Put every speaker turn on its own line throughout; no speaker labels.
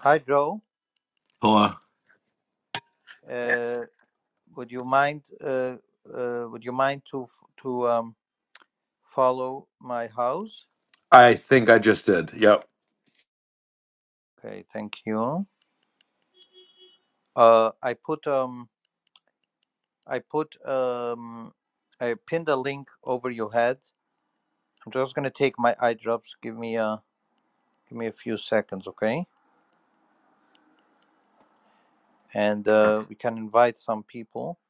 Hi, Joe.
Hello.
Uh, would you mind? Uh, uh, would you mind to f- to um, follow my house?
I think I just did. Yep.
Okay, thank you. Uh, I put um, I put um, I pinned a link over your head. I'm just gonna take my eye drops. Give me a give me a few seconds, okay? And uh, we can invite some people.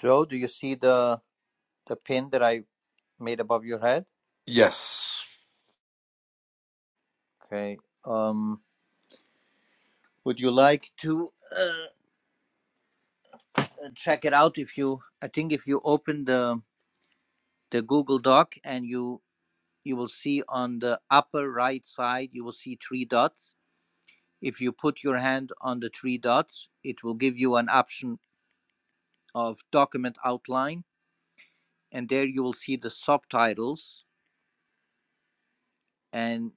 Joe, do you see the the pin that I made above your head?
Yes.
Okay. Um, would you like to? Uh, uh, check it out if you i think if you open the the google doc and you you will see on the upper right side you will see three dots if you put your hand on the three dots it will give you an option of document outline and there you will see the subtitles and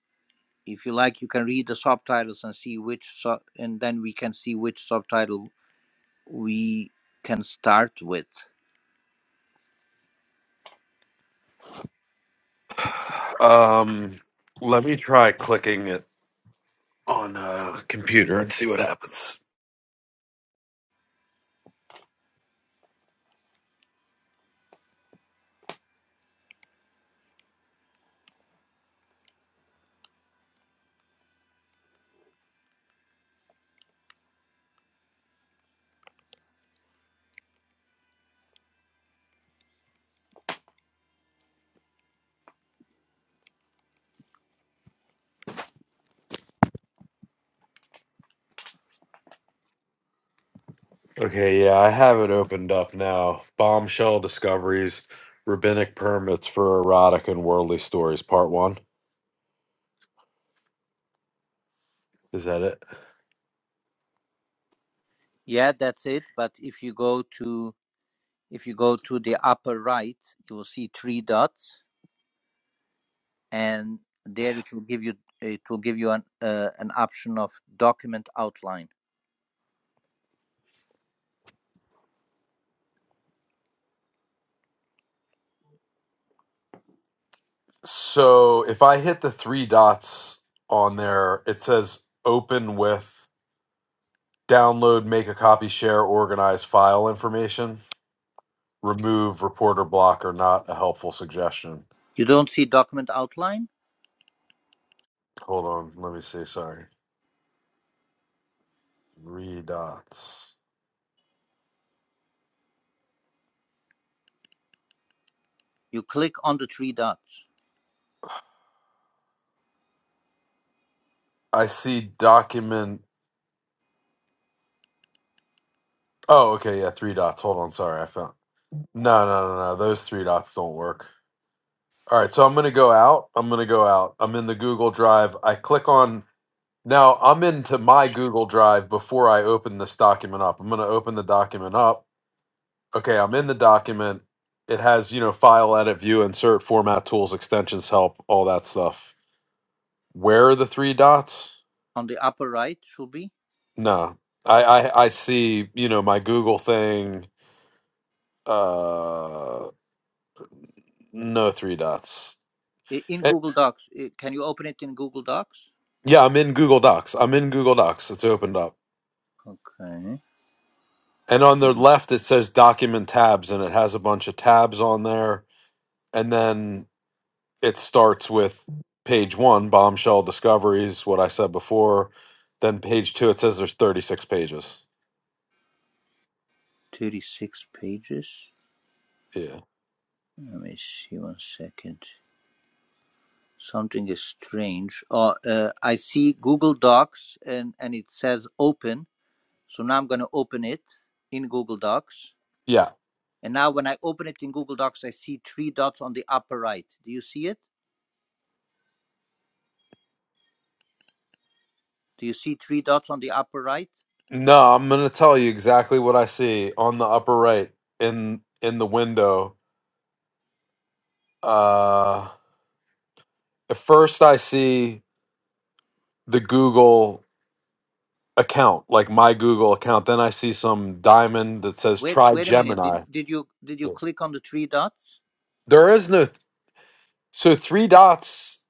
if you like you can read the subtitles and see which sub and then we can see which subtitle we can start with
Um, let me try clicking it on a computer and see what happens. Okay, yeah, I have it opened up now. Bombshell discoveries, rabbinic permits for erotic and worldly stories, part one. Is that it?
yeah that's it but if you go to If you go to the upper right, you will see three dots, and there it will give you it will give you an uh, an option of document outline.
So if I hit the three dots on there, it says open with download, make a copy, share, organize file information. remove reporter block are not a helpful suggestion.
You don't see document outline.
Hold on, let me see. Sorry, three dots.
You click on the three dots
I see document. Oh, okay, yeah, three dots. Hold on, sorry, I found. No, no, no, no. Those three dots don't work. All right, so I'm gonna go out. I'm gonna go out. I'm in the Google Drive. I click on. Now I'm into my Google Drive before I open this document up. I'm gonna open the document up. Okay, I'm in the document. It has, you know, file, edit, view, insert, format, tools, extensions, help, all that stuff where are the three dots?
on the upper right. Should be
No, I, I I see. You know, my Google thing. Uh, no three dots.
in
Eh,
Google Docs. Can you open it in Google Docs?
yeah, I'm in Google Docs. I'm in Google Docs. It's opened up,
Okay,
and on
and
the
it's
left it says Document tabs, and it has a bunch of tabs on there, and then it starts with page one, bombshell discoveries, what I said before. Then page two, it says there's 36 pages.
thirty-six pages.
Yeah.
Let me see one second. Something is strange. Oh, uh, I see Google Docs, and and it says open So now I'm going to open it in Google Docs.
Yeah,
And now when I open it in Google Docs, I see three dots on the upper right. Do you see it? Do you see three dots on the upper right?
No, I'm gonna tell you exactly what I see on the upper right in in the window. Uh, at first, I see the Google account, like my Google account. Then I see some diamond that says
Wait,
"Try
wait a minute. Did,
Gemini."
did you did you click on the three dots?
There is no so three dots.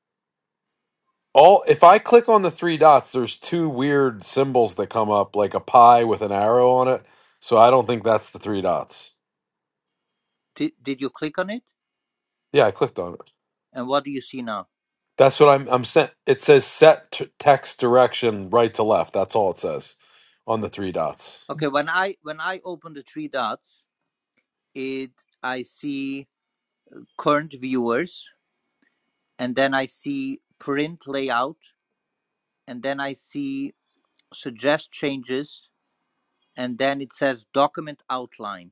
All if I click on the three dots, there's two weird symbols that come up, like a pie with an arrow on it. So I don't think that's the three dots.
Did, did you click on it?
Yeah, I clicked on it.
And what do you see now?
That's what I'm. I'm sent. It says set t- text direction right to left. That's all it says on the three dots.
Okay, when I when I open the three dots, it I see current viewers, and then I see print layout, and then I see suggest changes, and then it says document outline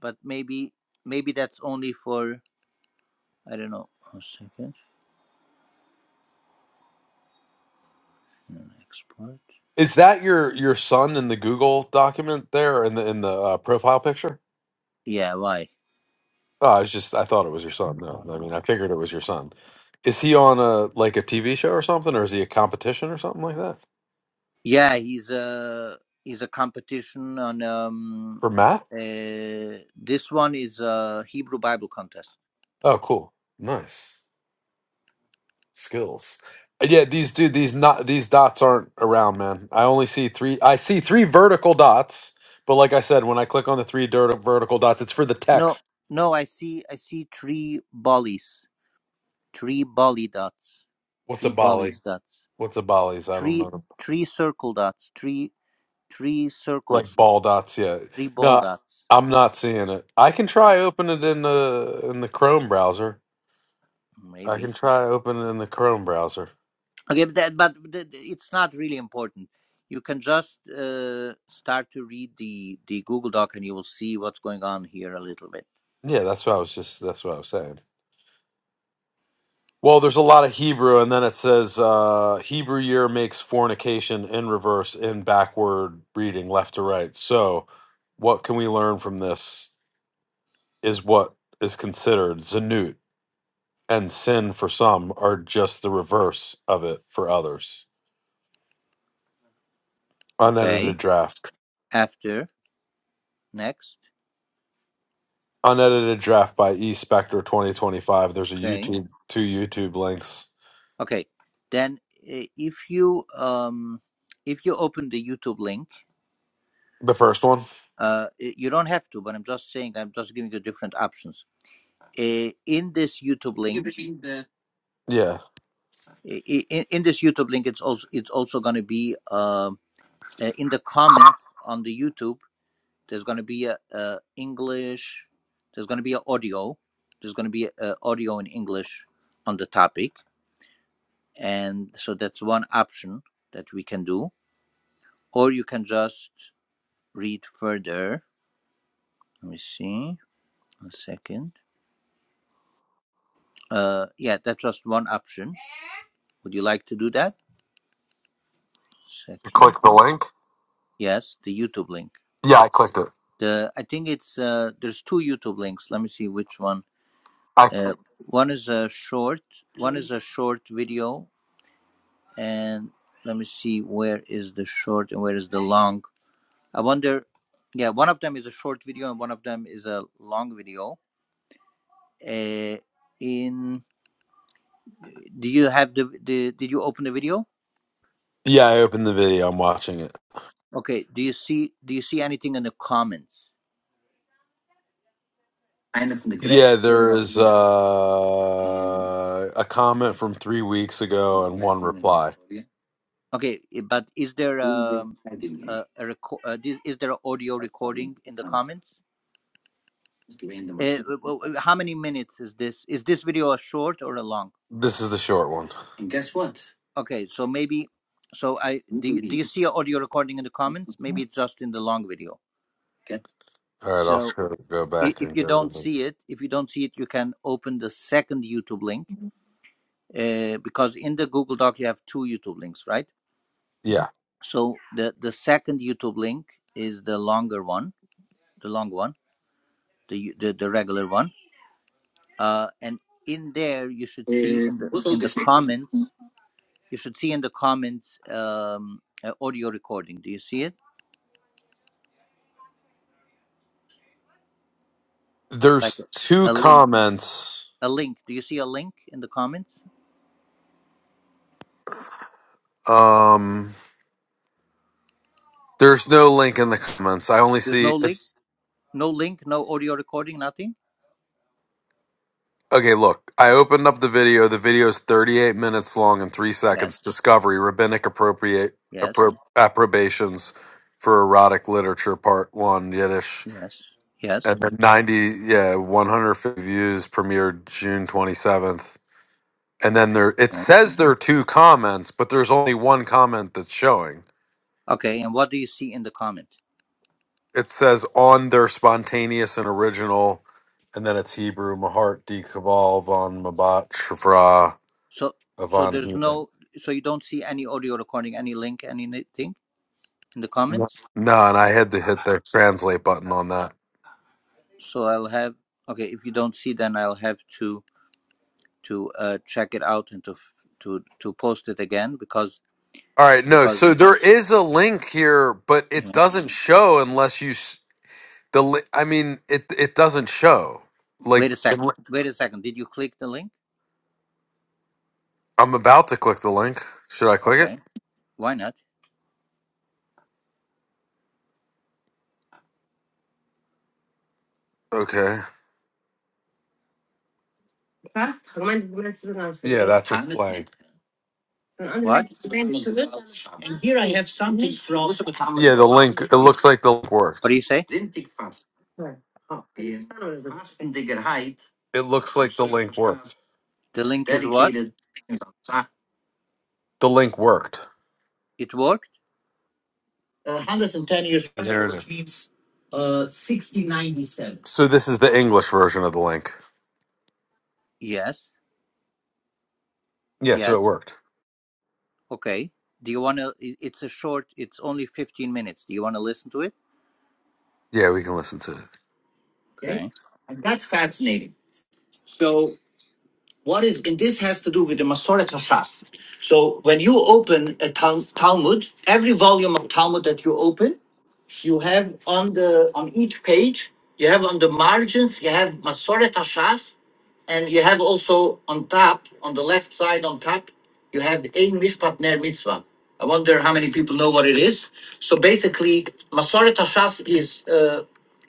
but maybe maybe that's only for I don't know. A second, An export.
Is that your your son in the Google document there in the in the uh, profile picture?
Yeah, why?
Oh, I was just. I thought it was your son. No, I mean I figured it was your son. Is he on a like a TV show or something, or is he a competition or something like that
Yeah, he's a he's a competition on um
for math?
uh this one is a Hebrew Bible contest.
Oh, cool, nice. skills. Yeah, these dude, these not these dots aren't around, man. I only see three. I see three vertical dots, but like I said, when I click on the three dirt vertical dots, it's for the
No,
text.
no, I see I see three bollies, three bolly dots,
What's a
three bollies
volley?
dots,
What's a volleys? I don't
three
know.
three circle dots, three three
Like
circles,
ball dots, yeah.
three ball
No,
dots.
I'm not seeing it. I can
Uh,
try open it in the in the Chrome browser. I
Maybe.
can try open it in the Chrome browser.
Okay, but, that, but th- th- it's not really important. You can just uh, start to read the, the Google Doc and you will see what's going on here a little bit.
Yeah, that's what I was just. That's what I was saying. Well, there's a lot of Hebrew, and then it says uh, Hebrew year makes fornication in reverse, in backward reading, left to right. So, what can we learn from this is what is considered zanut, and sin for some are just the reverse of it for others. Unedited
Okay,
draft.
after, next.
Unedited draft by E Spectre 2025. There's a
Okay,
YouTube, two YouTube links.
okay. Then uh, if you um, if you open the YouTube link,
The first one?
uh, y- you don't have to, but I'm just saying I'm just giving you different options. Uh, in this YouTube link,
Yeah.
in, in this YouTube link, it's also it's also going to be um uh, in the comment on the YouTube There's going to be a, a English. There's going to be an audio. There's going to be an audio in English on the topic, and so that's one option that we can do. Or you can just read further. Let me see. One second. Uh, yeah, that's just one option. Would you like to do that?
You click
Second.
the link?
Yes, the YouTube link.
Yeah, I clicked it.
The I think it's uh, there's two YouTube links. Let me see which one. Uh, one is a short. One
I
is a short video and let me see where is the short and where is the long i wonder yeah one of them is a short video and one of them is a long video uh, in do you have the, the did you open the video
Yeah, I opened the video. I'm watching it.
okay do you see do you see anything in the comments
Yeah, there is uh, a comment from three weeks ago and one reply.
okay eh, but is there um a, a reco- uh, this, is there an audio recording in the comments uh, how many minutes is this is this video a short or a long
This is the short one.
Okay, so maybe, so I do. You, do you see an audio recording in the comments? Maybe it's just in the long video.
All right, I'll
So
try to go
i-
back
if
and
you
go to
don't
the.
see it, if you don't see it, you can open the second YouTube link uh, because in the Google Doc you have two YouTube links, right?
Yeah,
So the the second YouTube link is the longer one, the long one, the u- the, the regular one, uh, and in there you should see in the in the comments you should see in the comments um, a audio recording. Do you see it? Like a,
there's two
a link
comments.
A link. Do you see a link in the comments?
Um, there's no link in the comments. I only
There's
see
no link.
it's.
No link. No audio recording. Nothing.
Okay, look, I opened up the video. The video is 38 minutes long and three
Yes.
seconds. Discovery, rabbinic appropriate
Yes.
appro- approbations for erotic literature, part one, Yiddish.
Yes. Yes.
And then 90, yeah, 150 views premiered June 27th. And then there, it
Okay.
says there are two comments, but there's only one comment that's showing.
Okay. And what do you see in the comment?
It says on their spontaneous and original, and then it's Hebrew, Mahart, D. Kaval, von Mabat, Shafra,
So so
Avon
there's
human.
no. So you don't see any audio recording, any link, anything in the
No,
comments.
and I had to hit the translate button on that.
So I'll have. Okay. If you don't see, then I'll have to to uh, check it out and to f- to to post it again because
All right, no.
because
So there is a link here, but it
yeah.
doesn't show unless you s- the. li- I mean, it it doesn't show.
Wait
Like
a second.
unle-
Wait a second. Did you click the link?
I'm about to click the link. Should I click it?
Okay. Why not?
Okay. Yeah, that's what's playing. And
What?
here I have something from. Yeah, the link. It
You-
looks like the link
What do
worked.
you say?
It looks like the link worked.
The link is what?
Dedicated. The link worked.
It worked?
one hundred and ten years from now, it which is. means, uh, sixty ninety-seven, So this is the English version of the link.
Yes.
Yeah, so
Yes.
it worked.
Okay. Do you want to? It's a short. It's only fifteen minutes. Do you want to listen to it?
Yeah, we can listen to it. okay?
Okay.
And that's fascinating. So. What is, and this has to do with the Masoret Hashas. So when you open a Tal- Talmud, every volume of Talmud that you open, you have on the, on each page, you have on the margins, you have Masoret Hashas, and you have also on top, on the left side on top, you have Ein Mishpat Ner Mitzvah. I wonder how many people know what it is. So basically, Masoret Hashas is uh,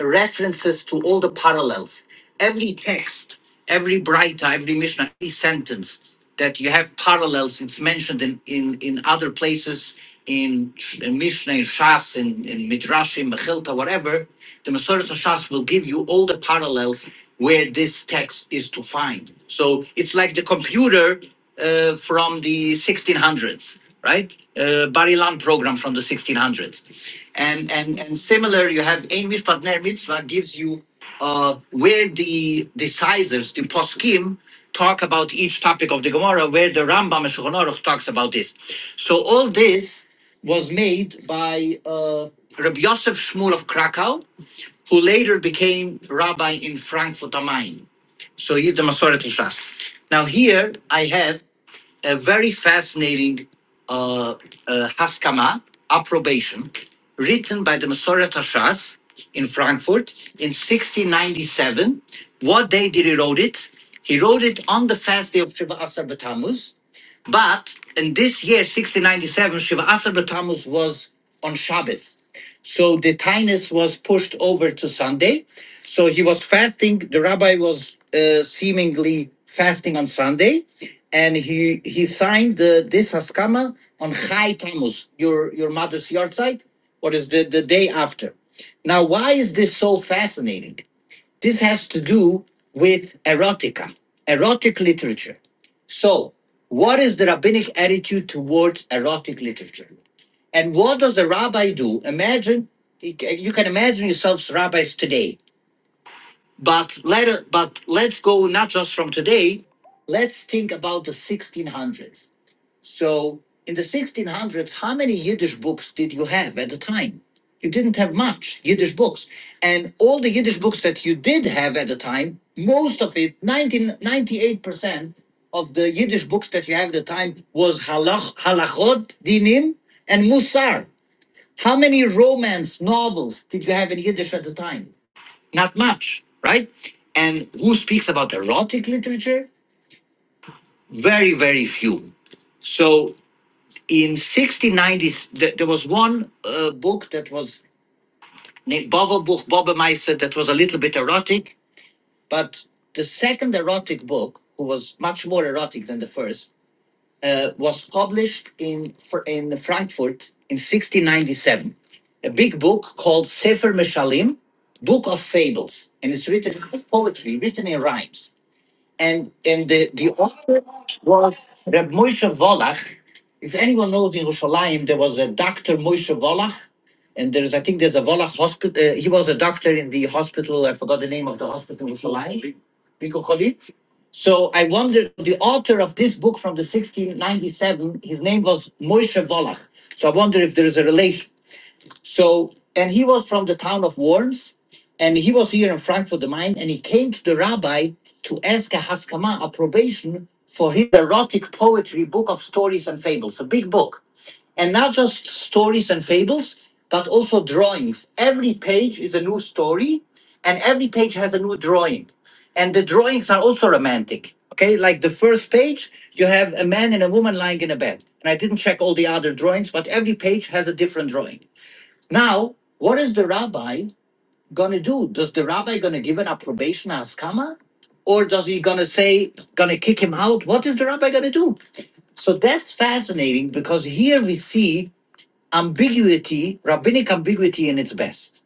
references to all the parallels. Every text, every Braita, every Mishnah, every sentence that you have parallels, it's mentioned in, in, in other places, in, Sh- in Mishnah, in Shas, in, in Midrashim, Mechilta, whatever, the Masoret Shas will give you all the parallels where this text is to find. So it's like the computer uh, from the 1600s, right? Uh, Barilan program from the 1600s. And, and, and similar, you have Ein Mishpat Ner Mitzvah gives you uh, where the decisors, the poskim, talk about each topic of the Gemara, where the Rambam and Shulchan Aruch talks about this. So all this was made by uh, Rabbi Yosef Shmuel of Krakow, who later became rabbi in Frankfurt am Main. So he's the Masoret Shas. Now here I have a very fascinating uh, uh, Haskama, approbation, written by the Masoret Hashas in Frankfurt in 1697. What day did he wrote it? He wrote it on the fast day of Shiva Asar B'Tammuz, but in this year, 1697, Shiva Asar B'Tammuz was on Shabbos, So the Tainus was pushed over to Sunday. So he was fasting. The rabbi was uh, seemingly fasting on Sunday. And he, he signed uh, this Haskama on Chai Tammuz, your, your mother's yard site. What is the, the day after? Now, why is this so fascinating? This has to do with erotica, erotic literature. So, what is the rabbinic attitude towards erotic literature? And what does the rabbi do? Imagine you can imagine yourselves rabbis today. But let but let's go not just from today. Let's think about the 1600s. So in the 1600s, how many Yiddish books did you have at the time? You didn't have much Yiddish books. And all the Yiddish books that you did have at the time, most of it, 19, 98% of the Yiddish books that you have at the time was halach, halachot, dinim, and musar. How many romance novels did you have in Yiddish at the time? Not much, right? And who speaks about erotic literature? Very, very few. So in 1690s th- there was one uh, book that was named Boverbuch Bobbemeister that was a little bit erotic but the second erotic book who was much more erotic than the first uh, was published in in Frankfurt in 1697 a big book called Sefer Meshalim Book of Fables and it's written as poetry written in rhymes and and the, the author was Reb Moshe Volach. If anyone knows in Yerushalayim, there was a doctor Moshe Volach, and there's I think there's a Volach hospital. Uh, he was a doctor in the hospital. I forgot the name of the hospital in Yerushalayim. Biko Cholim. So I wonder the author of this book from the 1697. His name was Moshe Volach. So I wonder if there is a relation. So, and he was from the town of Worms, and he was here in Frankfurt the Main, and he came to the rabbi to ask a haskama, a probation, for his erotic poetry book of stories and fables, a big book. And not just stories and fables, but also drawings. Every page is a new story, and every page has a new drawing. And the drawings are also romantic. Okay, like the first page, you have a man and a woman lying in a bed. And I didn't check all the other drawings, but every page has a different drawing. Now, what is the rabbi gonna do? Does the rabbi gonna give an approbation askama, or does he gonna say gonna kick him out? What is the rabbi gonna do? So that's fascinating because here we see ambiguity, rabbinic ambiguity in its best.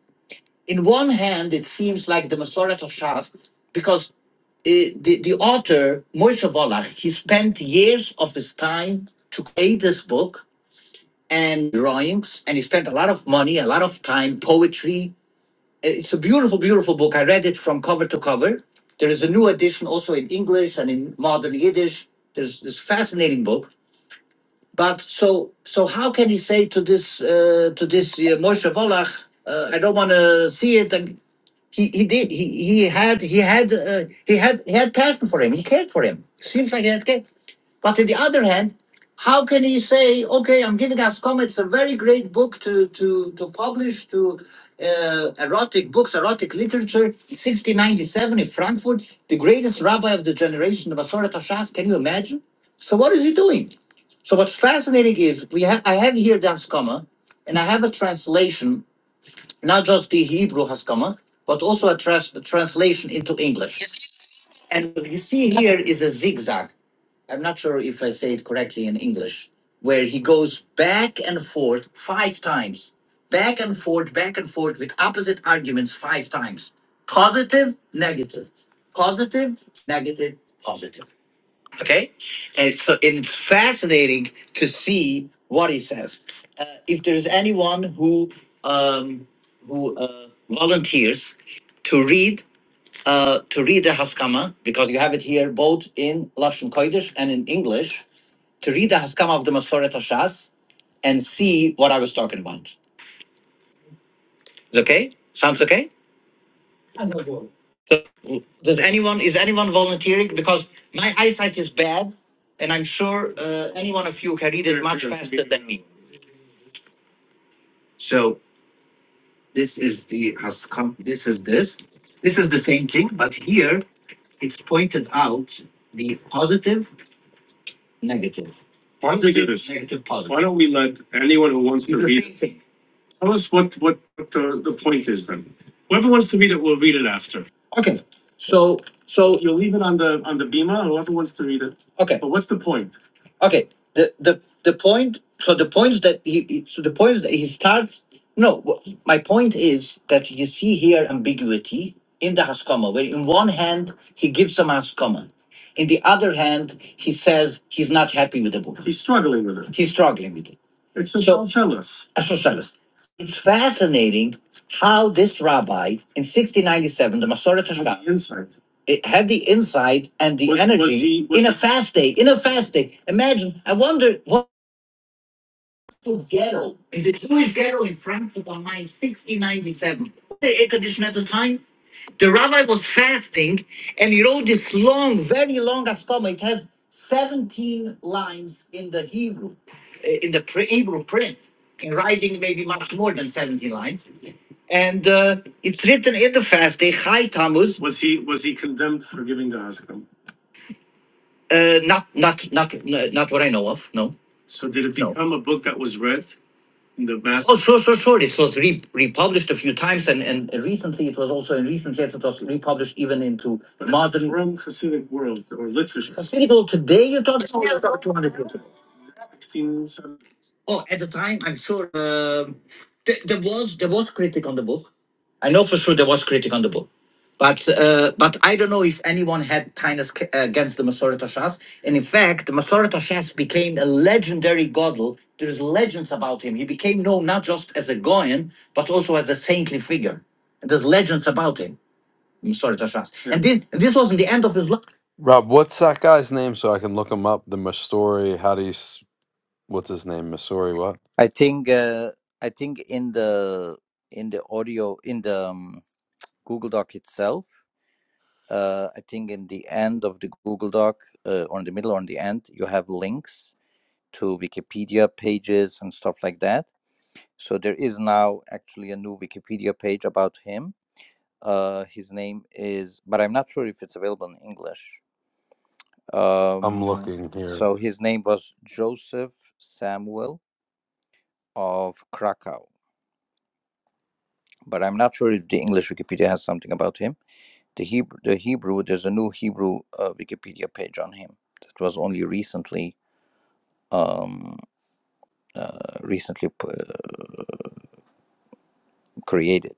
In one hand, it seems like the Masoret Shas, because uh, the, the author Moshe Volach he spent years of his time to create this book and drawings, and he spent a lot of money, a lot of time, poetry, it's a beautiful, beautiful book. I read it from cover to cover. There is a new edition also in English and in modern Yiddish. There's this fascinating book. But so so, how can he say to this uh, to this uh, Moshe Volach, uh, I don't want to see it? And he he did he he had he had uh, he had he had passion for him. He cared for him. Seems like he had care. But on the other hand, how can he say, okay, I'm giving Ascom, it's a very great book to, to, to publish, to uh, erotic books, erotic literature, 1697 in Frankfurt, the greatest rabbi of the generation, the Masoret Hashas, can you imagine? So what is he doing? So what's fascinating is we ha- I have here the Haskama, and I have a translation, not just the Hebrew Haskama, but also a, trans- a translation into English. And what you see here is a zigzag. I'm not sure if I say it correctly in English, where he goes back and forth five times, back and forth, back and forth with opposite arguments five times positive, negative, positive, negative, positive. Okay? And so it's fascinating to see what he says. Uh, if there's anyone who, um, who uh, volunteers to read uh, to read the Haskama, because you have it here both in Lashon Kodesh and in English, to read the Haskama of the Masoret Hashas and see what I was talking about. Is okay? Sounds okay? So, does anyone is anyone volunteering? Because my eyesight is bad, and I'm sure uh, any one of you can read it much faster than me. So this is the Haskam. This is this. This is the same thing, but here it's pointed out the positive Negative. Why don't we do this? Negative positive. Why don't we let anyone who wants to read, Tell us what, what the, the point is then. Whoever wants to read it, we'll read it after. Okay, so, so, You'll leave it on the, on the Bima, whoever wants to read it. okay, But what's the point? okay. The, the, the point, so the points that he, he- so the points that he starts, no, wh- my point is that you see here ambiguity in the Haskama, where in one hand, he gives some Haskama. In the other hand, he says he's not happy with the book. He's struggling with it. He's struggling with it. It's a So, Shalshelis. It's fascinating how this rabbi in 1697, the Masorah Tashkar, it had the insight and the was, energy was he, was in a he, fast day. In a fast day, imagine. I wonder. what. Frankfurt ghetto, in the Jewish ghetto in Frankfurt on 1697. The air conditioner at the time. The rabbi was fasting and he wrote this long, very long Askama. It has 17 lines in the Hebrew, eh, in the pre- Hebrew print. In writing, maybe much more than 17 lines. And uh, it's written in the fast day, Chai Tammuz. Was he was he condemned for giving the Haskam? Uh, not, not, not, not what I know of. No, So did it no. become a book that was read? the best. Oh, sure, sure, sure. It was re- republished a few times, and, and recently it was also in recent years it was republished even into But modern. From Hasidic world or literature, Considerable today, you're talking about about 200 years ago. 16, seventy. Oh, at the time, I'm sure um th- there was there was critic on the book. I know for sure there was critic on the book, but uh, but I don't know if anyone had kindness c- against the Masoret Hashas. And in fact, the Masoret Hashas became a legendary godel. There's legends about him. He became known not just as a goyin, but also as a saintly figure. And there's legends about him, Masoret Hashas. Yeah. And this this wasn't the end of his life. Rob, what's that guy's name so I can look him up? The Masori, how do you, s- what's his name? Masori, what?
I think. Uh, I think in the in the audio in the um, Google Doc itself. Uh, I think in the end of the Google Doc, uh, or in the middle or in the end, you have links to Wikipedia pages and stuff like that. So there is now actually a new Wikipedia page about him Uh, his name is, but I'm not sure if it's available in English.
I'm
Um,
looking here.
so his name was Joseph Samuel of Krakow, but I'm not sure if the English Wikipedia has something about him. The Hebrew, the Hebrew, there's a new Hebrew uh, Wikipedia page on him that was only recently, um, uh, recently p- uh, created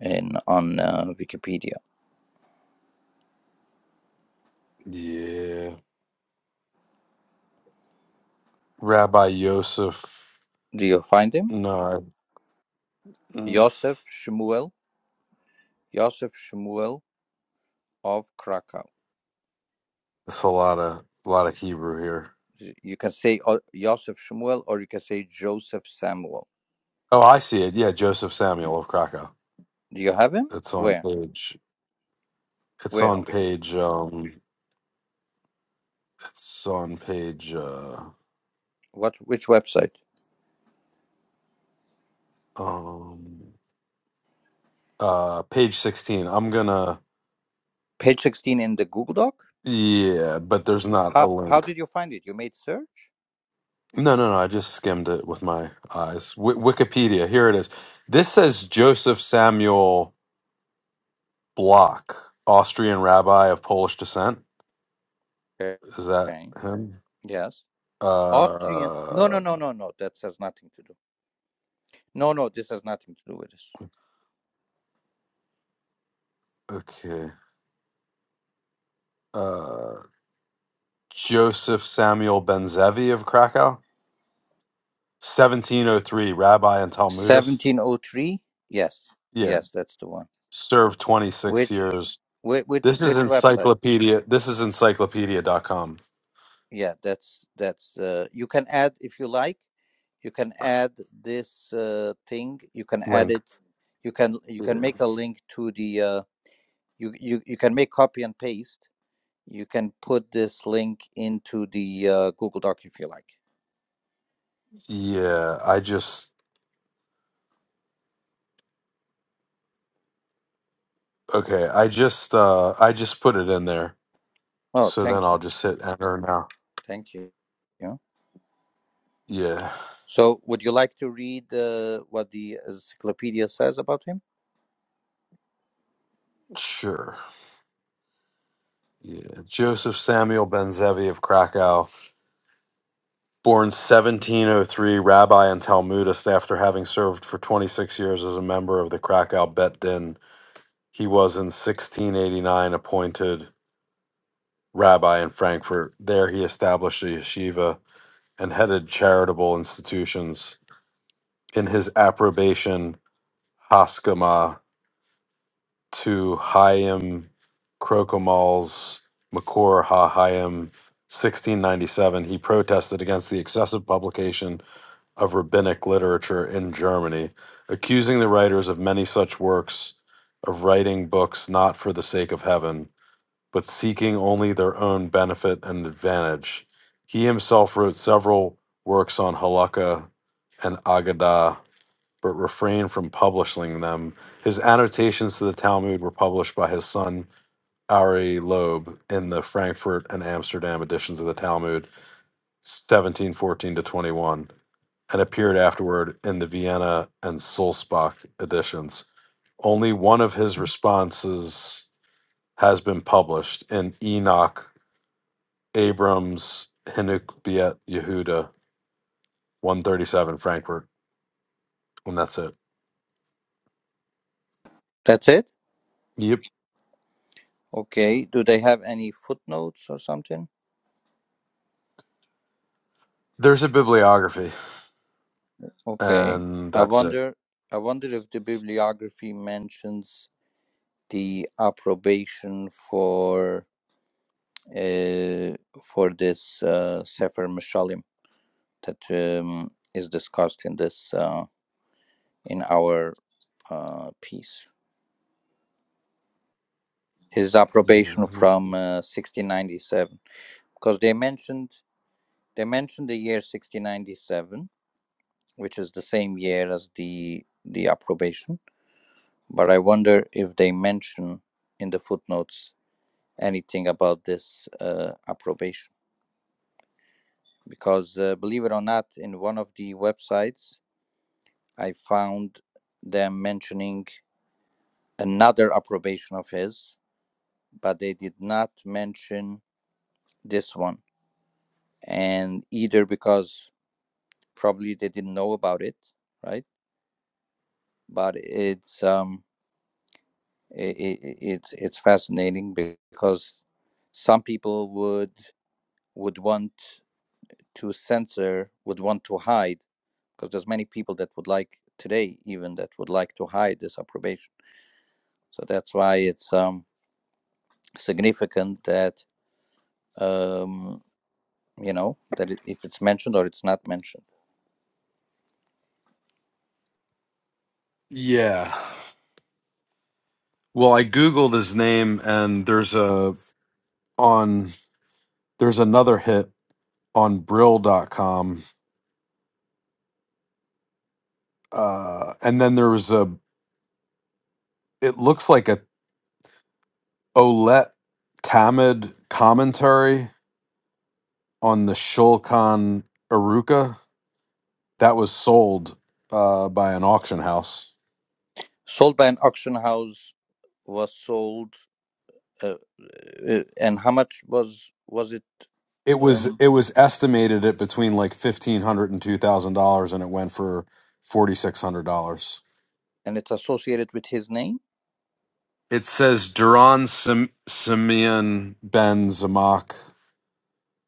in on uh, Wikipedia.
Yeah. Rabbi Yosef.
Do you find him?
No, Mm.
Yosef Shmuel, Yosef Shmuel of Krakow.
It's a lot of a lot of Hebrew here.
You can say O- Yosef Shmuel or you can say Joseph Samuel.
Oh, I see it. Yeah, Joseph Samuel of Krakow.
Do you have him?
It's on
Where?
page. It's
Where
on
on Wiki?
page. Um, it's on page. Uh,
What? Which website?
um, uh, page sixteen. I'm gonna.
Page sixteen in the Google Doc.
Yeah, but there's not a
How? How
link.
did you find it? You made search.
No, no, no. I just skimmed it with my eyes. W- Wikipedia. Here it is. This says Joseph Samuel Block, Austrian rabbi of Polish descent.
Okay.
Is that him?
Yes. Austrian. No,
Uh,
no, no, no, no. That has nothing to do. No, no. This has nothing to do with this.
Okay. Uh, Joseph Samuel Benzevi of Krakow, 1703, rabbi and Talmudist.
Seventeen oh three. Yes.
Yeah,
Yes, that's the one.
served 26
Which?
years.
Which? Which?
This is
Which website?
encyclopedia. This is Encyclopedia dot com
yeah that's that's uh, you can add if you like you can add this uh, thing you can add
link.
it you can you can
Yeah.
make a link to the uh, you, you you can make copy and paste you can put this link into the uh, google doc if you like
Yeah, I just okay, I just uh I just put it in there.
oh
So then
thank you
I'll just hit enter now.
thank you yeah
Yeah.
so would you like to read uh, what the encyclopedia says about him
Sure. Yeah. Joseph Samuel Benzevi of Krakow. Born 1703, rabbi and Talmudist, after having served for 26 years as a member of the Krakow Bet Din, he was in 1689 appointed rabbi in Frankfurt. There he established a yeshiva and headed charitable institutions. In his approbation, Haskama to Chaim Krokomal's Makor HaHaim 1697, he protested against the excessive publication of rabbinic literature in Germany, accusing the writers of many such works of writing books not for the sake of heaven, but seeking only their own benefit and advantage. He himself wrote several works on Halakha and Agadah, but refrained from publishing them. His annotations to the Talmud were published by his son Ari Loeb in the Frankfurt and Amsterdam editions of the Talmud seventeen fourteen to 21, and appeared afterward in the Vienna and Sulzbach editions. Only one of his responses has been published in Enoch Abrams Hinuk Yehuda, 137 Frankfurt, and that's it.
that's it
Yep.
okay do they have any footnotes or something
There's a bibliography,
Okay.
and
I
that's it.
wonder I wonder if the bibliography mentions the approbation for uh, for this uh, Sefer Mishalim that um, is discussed in this uh, in our uh, piece. His
Yeah,
approbation
let me see.
from uh, 1697 because they mentioned they mentioned the year 1697 which is the same year as the the approbation but I wonder if they mention in the footnotes anything about this uh, approbation because uh, believe it or not in one of the websites i found them mentioning another approbation of his but they did not mention this one and either because probably they didn't know about it right but it's um it it it's it's fascinating because some people would would want to censor would want to hide because there's many people that would like today even that would like to hide this approbation so that's why it's um, significant that um, you know that it, if it's mentioned or it's not mentioned
Yeah. Well, I googled his name and there's a on there's another hit on brill.com uh, and then there was a it looks like a Olet Tamid commentary on the Shulchan Aruka that was sold uh, by an auction house.
sold by an auction house was sold uh, uh, and how much was was it
It was
um,
it was estimated at between like fifteen hundred and two thousand dollars, and it went for forty six hundred dollars.
and it's associated with his name.
It says Duran Sim- Simeon Ben Zamak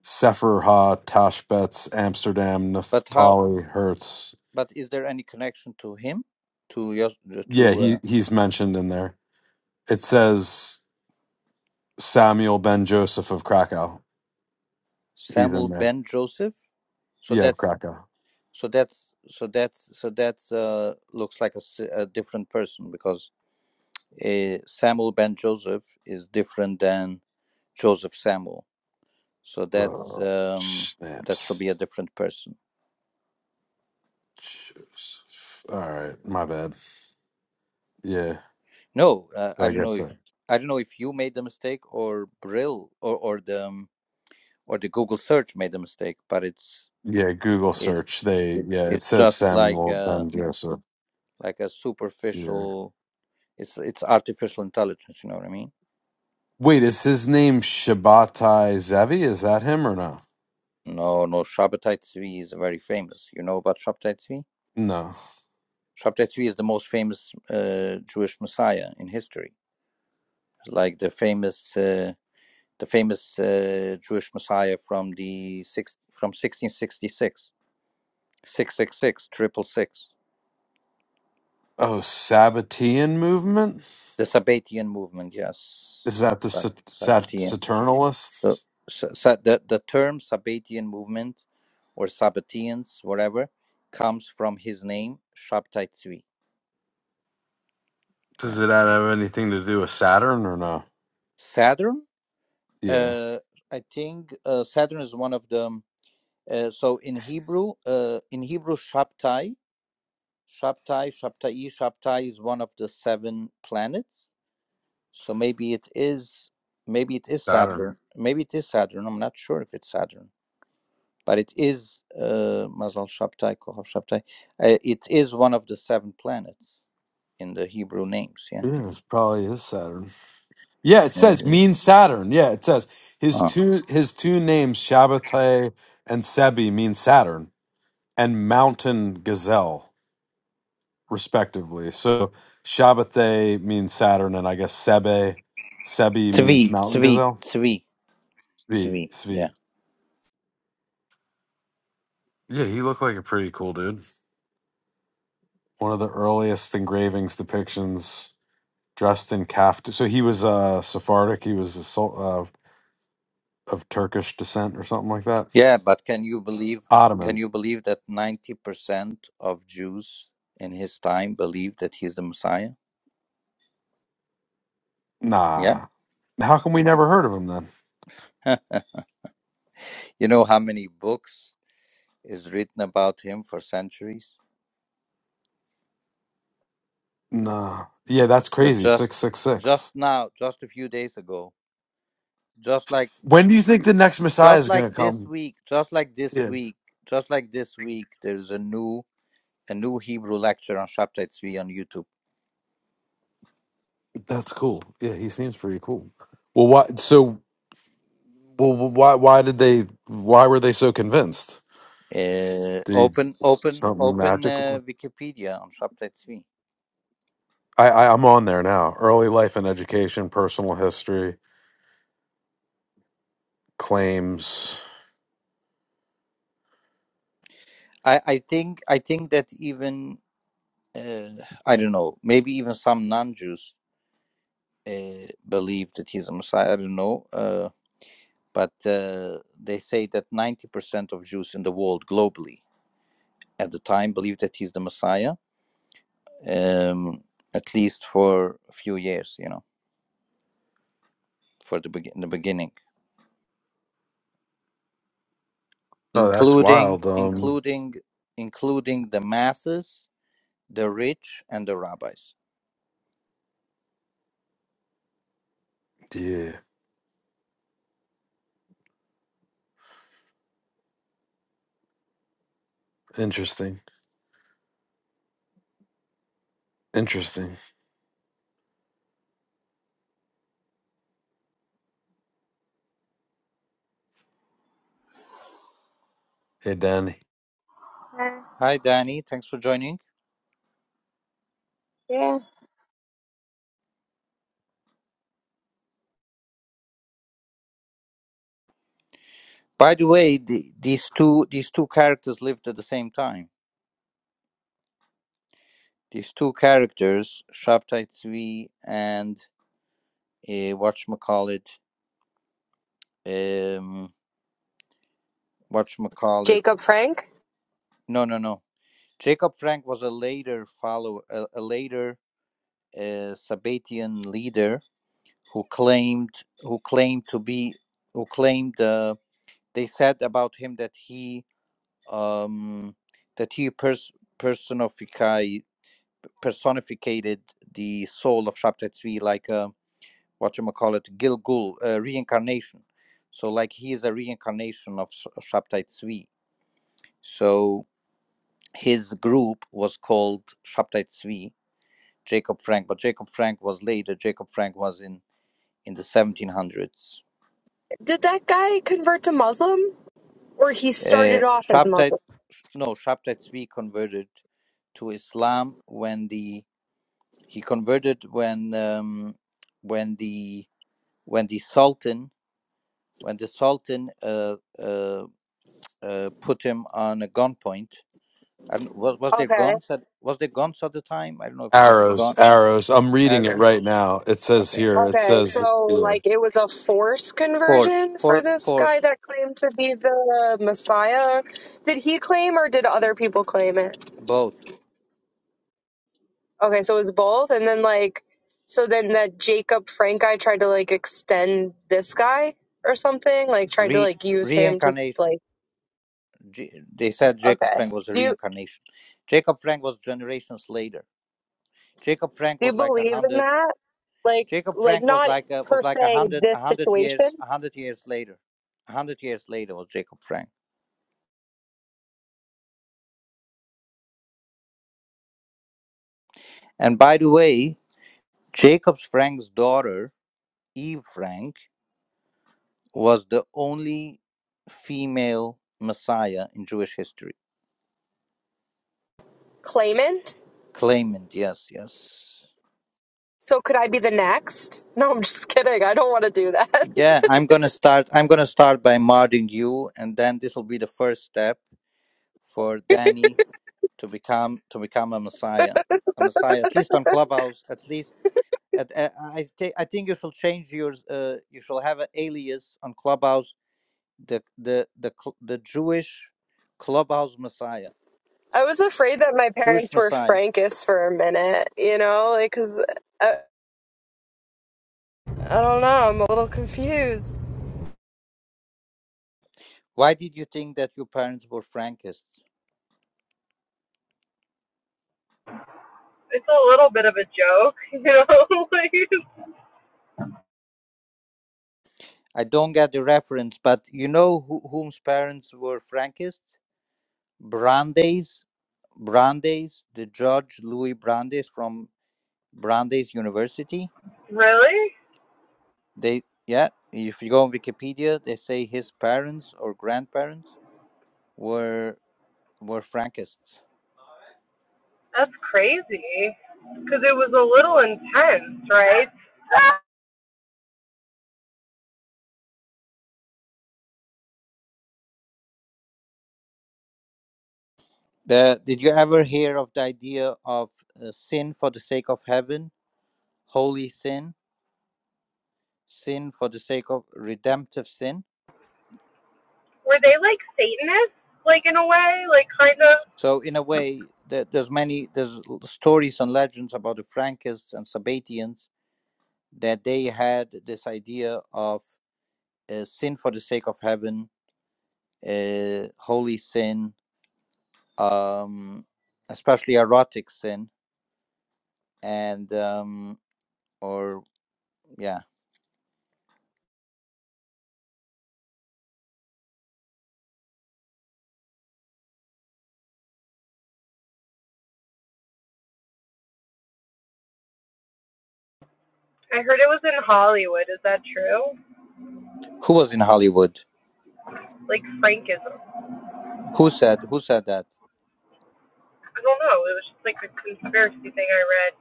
Sefer Ha Tashbetz Amsterdam
But how?
Naftali Hertz.
But is there any connection to him, to Yos-
Yeah,
to uh,
he he's mentioned in there. It says Samuel Ben Joseph of Krakow. He's
Samuel
in there.
ben Joseph? So
Yeah, of
that's
Krakow.
so that's so that's so that's uh, looks like a a different person because uh, Samuel ben Joseph is different than Joseph Samuel. So that's
Uh,
um, that should be
snaps.
a different person.
Joseph. All right, my bad. Yeah.
No, uh,
So
I
I
don't know
guess
if
that.
I don't know if you made the mistake or Brill or or the um, or the Google search made the mistake, but it's
Yeah, Google search.
it's
They
it,
yeah, it
it's
says
just like
Samuel
a
Ben Joseph.
like a
Yeah.
superficial it's it's artificial intelligence you know what i mean
Wait, is his name Shabbatai Zevi? Is that him or no?
no no shabbatai tzvi is very famous you know about shabbatai tzvi
No.
shabbatai tzvi is the most famous uh, jewish messiah in history like the famous uh, the famous uh, jewish messiah from the six from 1666 666 triple six
Oh, Sabbatean movement?
the sabbatian movement
Is
yes
that the
Sab-
Sat- Sat-
Sabbatian So,
Saturnalists?
so, so the, the term Sabbatian movement or Sabbateans, whatever, comes from his name, Shabtai Tzvi. Yeah.
Does it have anything to do with Saturn or no?
Saturn,
Yeah.
uh, I think uh, Saturn is one of them. Uh, so in Hebrew, uh, in Hebrew, Shabtai, Shabtai, Shabtai, Shabtai is one of the seven planets. So maybe it is, maybe it is Saturn.
Saturn.
Maybe it is Saturn. I'm not sure if it's Saturn. but it is uh, Mazal Shabtai, Kohav Shabtai. Uh, it is one of the seven planets in the Hebrew names. Yeah.
Yeah, it's probably his Saturn. Yeah, it
Very
says
good.
mean Saturn. Yeah, it says his
Ah,
two his two names Shabbatai and Sebi mean Saturn and mountain gazelle respectively. So Shabbatai means Saturn, and I guess Sebe Sebi means
Tzvi,
mountain
Tzvi,
gazelle.
Tzvi,
Svi
Tzvi. Yeah.
Svi. Yeah, he looked like a pretty cool dude. One of the earliest engravings depictions dressed in kaftan. So he was uh, Sephardic. He was a, Sul- uh, of Turkish descent or something like that
Yeah, but can you believe? Can
Ottoman.
you believe that ninety percent of Jews in his time believed that he's the Messiah? Yeah.
Nah. How come we never heard of him then?
you know how many books is written about him for centuries?
Nah. Yeah, that's
There's
crazy.
just just
666.
now, just a few days ago, just like
When do you think the next Messiah
just
is going
like
to
this
come?
week just like this
Yeah,
week just like this week there's a new a new hebrew lecture on chapter 3 on youtube
that's cool. Yeah, he seems pretty cool. Well, why so well why why did they why were they so convinced?
uh,
They
open open
something
open uh,
magical.
wikipedia on chapter 3
I, I I'm on there now. Early life and education, personal history, claims.
i i think i think that even uh, i don't know maybe even some non-jews uh, believe that he's a messiah i don't know uh, but uh, they say that 90% of jews in the world globally at the time believe that he's the messiah um, at least for a few years, you know, for the, begin the beginning,
Oh, that's
including
wild. Um
including including the masses, the rich, and the rabbis.
yeah, interesting. Interesting. Hey Danny.
Hi, Danny. Thanks for joining.
Yeah.
By the way, the, these two these two characters lived at the same time. These two characters, Shabtai Tzvi and uh, whatchamacallit, um, whatchamacallit.
Jacob Frank.
No, no, no. Jacob Frank was a later follow, a, a later a Sabbatean leader who claimed who claimed to be who claimed uh, they said about him that he um, that he pers- personified personificated the soul of chapter 3 like uh, what you call it Gilgul uh, reincarnation so like he is a reincarnation of Sh- chapter 3 so his group was called chapter 3 Jacob Frank but Jacob Frank was later Jacob Frank was in in the 1700s.
Did that guy convert to Muslim? Or he started
Uh,
off as
Shabtai,
Muslim?
no, Shabtai Tzvi converted to Islam when the he converted when um, when the when the Sultan when the Sultan uh, uh, uh, put him on a gunpoint. And was was there
Okay.
guns at was there guns at the time? I don't know if it was a
Arrows,
gun
arrows. I'm reading it
arrows.
right now. It says
Okay,
here. It
Okay.
says,
So, like, it was a forced
force,
conversion for
for
this guy
force,
that claimed to be the Messiah. Did he claim or did other people claim it?
both
Okay. So it was both. And then, like, so then that Jacob Frank guy tried to, like, extend this guy or something? Like, tried to,
re
like, use him to,
reincarnation.
like,
J- they said Jacob
okay.
Frank was a
Do you,
reincarnation. Jacob Frank was generations later. Jacob Frank
Do you
was like a
believe in
hundred.
that? Like,
Jacob
like
Frank was
not
like a,
per
was like a
se
hundred
this
a hundred
situation,
years a hundred years later. A hundred years later was Jacob Frank. And by the way, Jacob Frank's daughter Eve Frank was the only female Messiah in Jewish history.
claimant.
Claimant, yes, yes.
So could I be the next? No, I'm just kidding. I don't want to do that.
Yeah, I'm gonna start. I'm gonna start by modding you, and then this will be the first step for Danny to become to become a Messiah, a Messiah at least on Clubhouse. At least at, at I think I think you shall change your uh, you shall have an alias on Clubhouse. The the the cl- the Jewish Clubhouse Messiah,
I was afraid that my
Jewish
parents were
Messiah.
Frankists for a minute, you know, like because I, I don't know. I'm a little confused.
Why did you think that your parents were Frankists?
It's a little bit of a joke, you know? like,
I don't get the reference, but you know who, whom's parents were Frankists? Brandeis, Brandeis, the judge Louis Brandeis from Brandeis University
really?
They yeah, if you go on Wikipedia, they say his parents or grandparents were were Frankists.
That's crazy. Because it was a little intense, right?
Uh, did you ever hear of the idea of uh, sin for the sake of heaven, holy sin, sin for the sake of redemptive sin?
Were they like Satanists, like in a way? Like, kind of?
So in a way, there, there's many there's l- stories and legends about the Frankists and Sabatians that they had this idea of uh, sin for the sake of heaven, uh, holy sin, um, especially erotic sin and um, or yeah
I heard it was in Hollywood. Is that true?
who was in hollywood
Like Frankism. I
who said who said that
don't know. It was just like a conspiracy thing I read.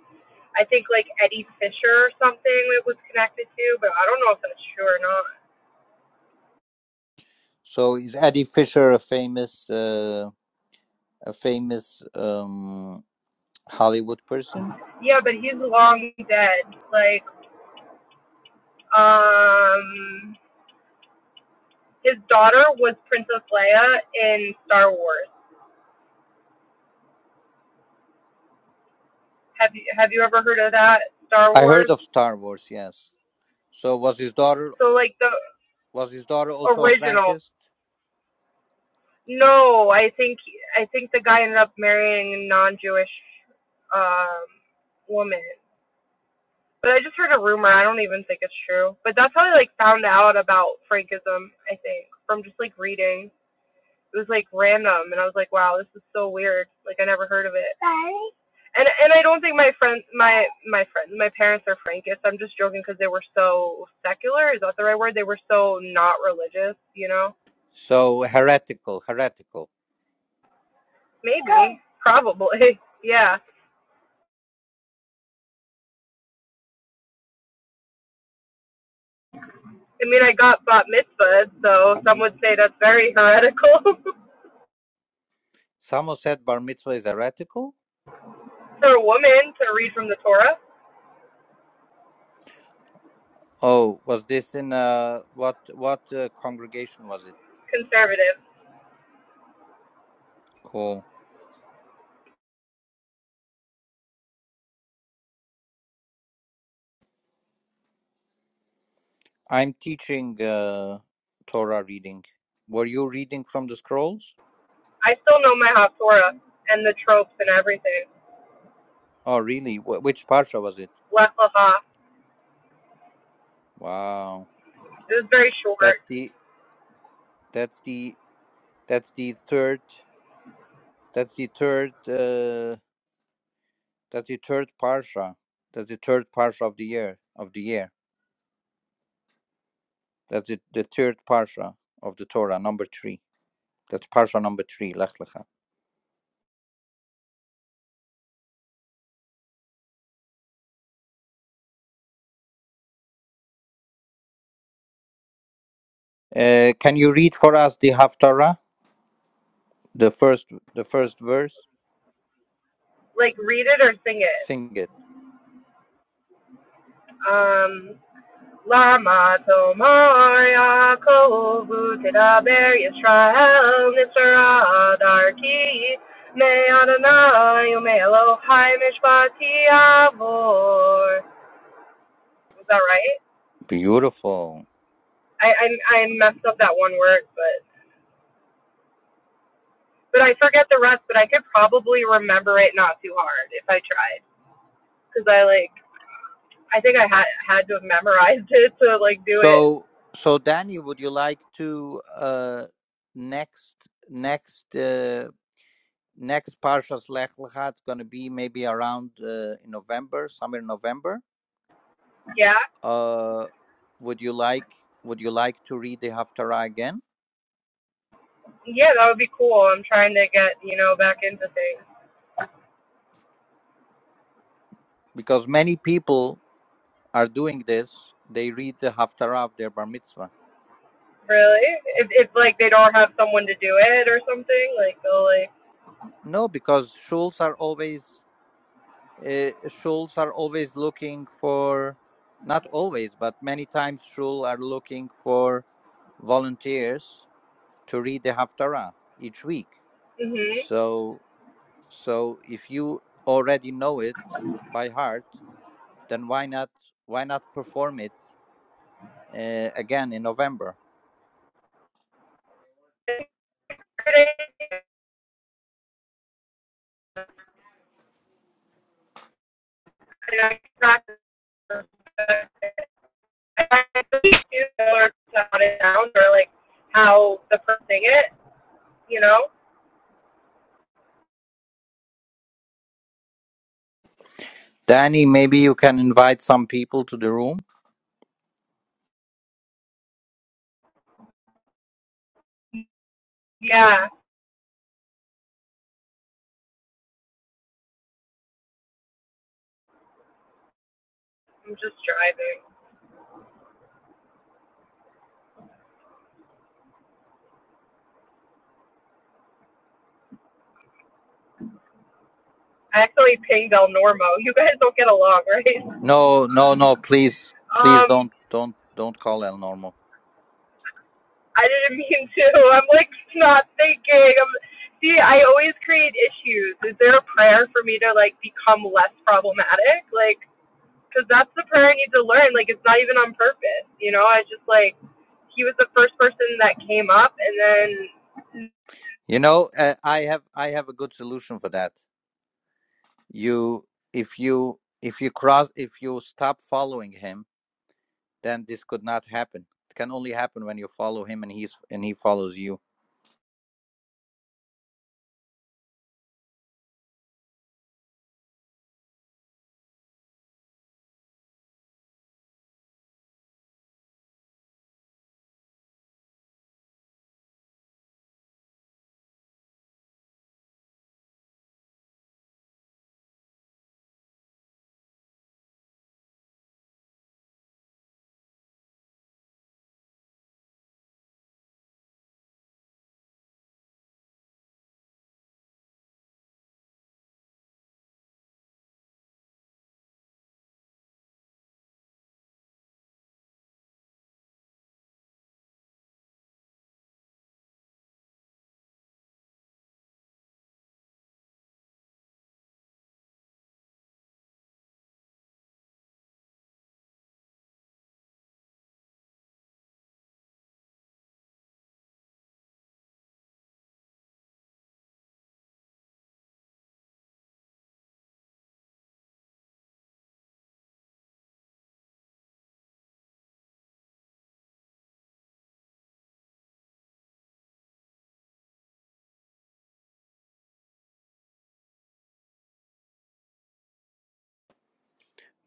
I think like Eddie Fisher or something it was connected to, but I don't know if that's true or not.
so is eddie fisher a famous uh, a famous um, hollywood person
Yeah, but he's long dead. Like, um, his daughter was Princess Leia in Star Wars. Have you have you ever heard of that Star
i heard
Wars?
of star wars yes so was his daughter
So like the
was his daughter also a
original
frankist
No, I think I think the guy ended up marrying a non-Jewish um, woman. But I just heard a rumor. I don't even think it's true. But that's how I like found out about Frankism. I think from just like reading. It was like random, and I was like, wow, this is so weird. Like I never heard of it. And and I don't think my friends, my my friends, my parents are Frankists. I'm just joking because they were so secular. Is that the right word? They were so not religious. You know?
so heretical heretical
Maybe, probably, yeah. I mean, I got bat mitzvahs, so some would say that's very heretical
someone said bar mitzvah is heretical
for a woman to read from the Torah.
Oh, was this in uh what what uh, congregation was it?
Conservative.
Cool. I'm teaching uh Torah reading. Were you reading from the scrolls?
I still know my Haftorah and the tropes and everything.
Oh, really? Wh- which parsha was it?
Lech Lecha.
Wow.
It was very
That's
short.
the that's the that's the third that's the third uh that's the third parsha. That's the third parsha of the year of the year. That's the, the third parsha of the Torah, number 3. That's parsha number 3, Lech Lecha. Uh, can you read for us the Haftarah, the first, the first verse?
Like, read it or sing it.
Sing it.
Um, Lama Tomar Yaakov Tedaber Yisrael Nisra Darki Me Adonai Ume Elohai Mishpati Avor. Was that right?
Beautiful.
I, I I messed up that one word, but but I forget the rest. But I could probably remember it not too hard if I tried, because I like I think I had had to have memorized it to like do it.
So, so Danny, would you like to uh, next, next, uh, next Parshas Lech Lecha? It's going to be maybe around uh, in November, somewhere in November.
Yeah,
Uh, would you like? Would you like to read the Haftarah again?
yeah, that would be cool. I'm trying to get you know back into things.
Because many people are doing this. They read the Haftarah of their Bar Mitzvah.
Really, if if like they don't have someone to do it or something, like they'll like
No, because shuls are always uh, Shuls are always looking for, not always, but many times Shul are looking for volunteers to read the Haftarah each week.
mhm.
So, so if you already know it by heart, then why not why not perform it uh, again in November?
I practice, or sound it down or like how the person sing it you know?
Danny, maybe you can invite some people to the room.
Yeah, I'm just driving. I accidentally pinged El Normo. You guys don't get along, right?
No, no, no, please, please
Um,
don't, don't, don't call El Normo.
I didn't mean to. I'm like not thinking. I'm, see, I always create issues. Is there a prayer for me to like become less problematic? Like, because that's the prayer I need to learn. Like, it's not even on purpose, you know? I just like, he was the first person that came up, and then,
You know, uh, I have, I have a good solution for that. you if you if you cross if you stop following him then this could not happen it can only happen when you follow him and he's and he follows you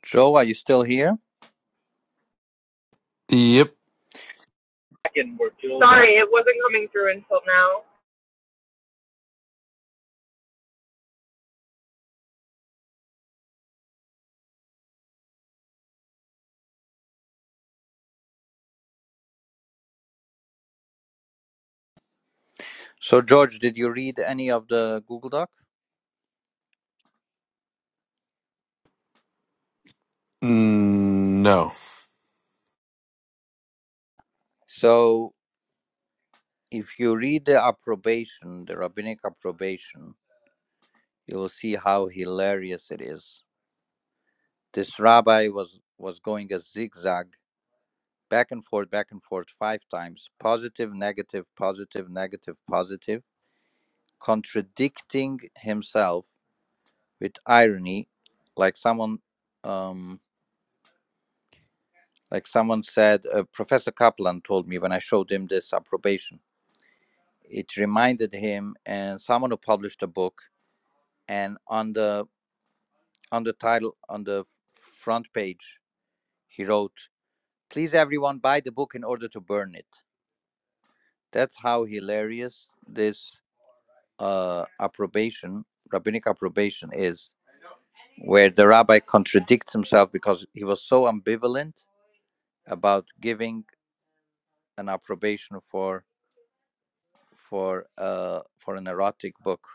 joe are you still here
"Yep,
sorry, it wasn't coming through until now.
so george did you read any of the google doc
mm, no."
so if you read the approbation the rabbinic approbation you will see how hilarious it is this rabbi was was going a zigzag back and forth back and forth five times positive negative positive negative positive contradicting himself with irony, like someone um, like someone said. Uh, Professor Kaplan told me when I showed him this approbation. It reminded him and someone who published a book, and on the on the title on the front page, he wrote, "Please everyone buy the book in order to burn it." That's how hilarious this uh, approbation, rabbinic approbation, is where the rabbi contradicts himself because he was so ambivalent about giving an approbation for for uh for an erotic book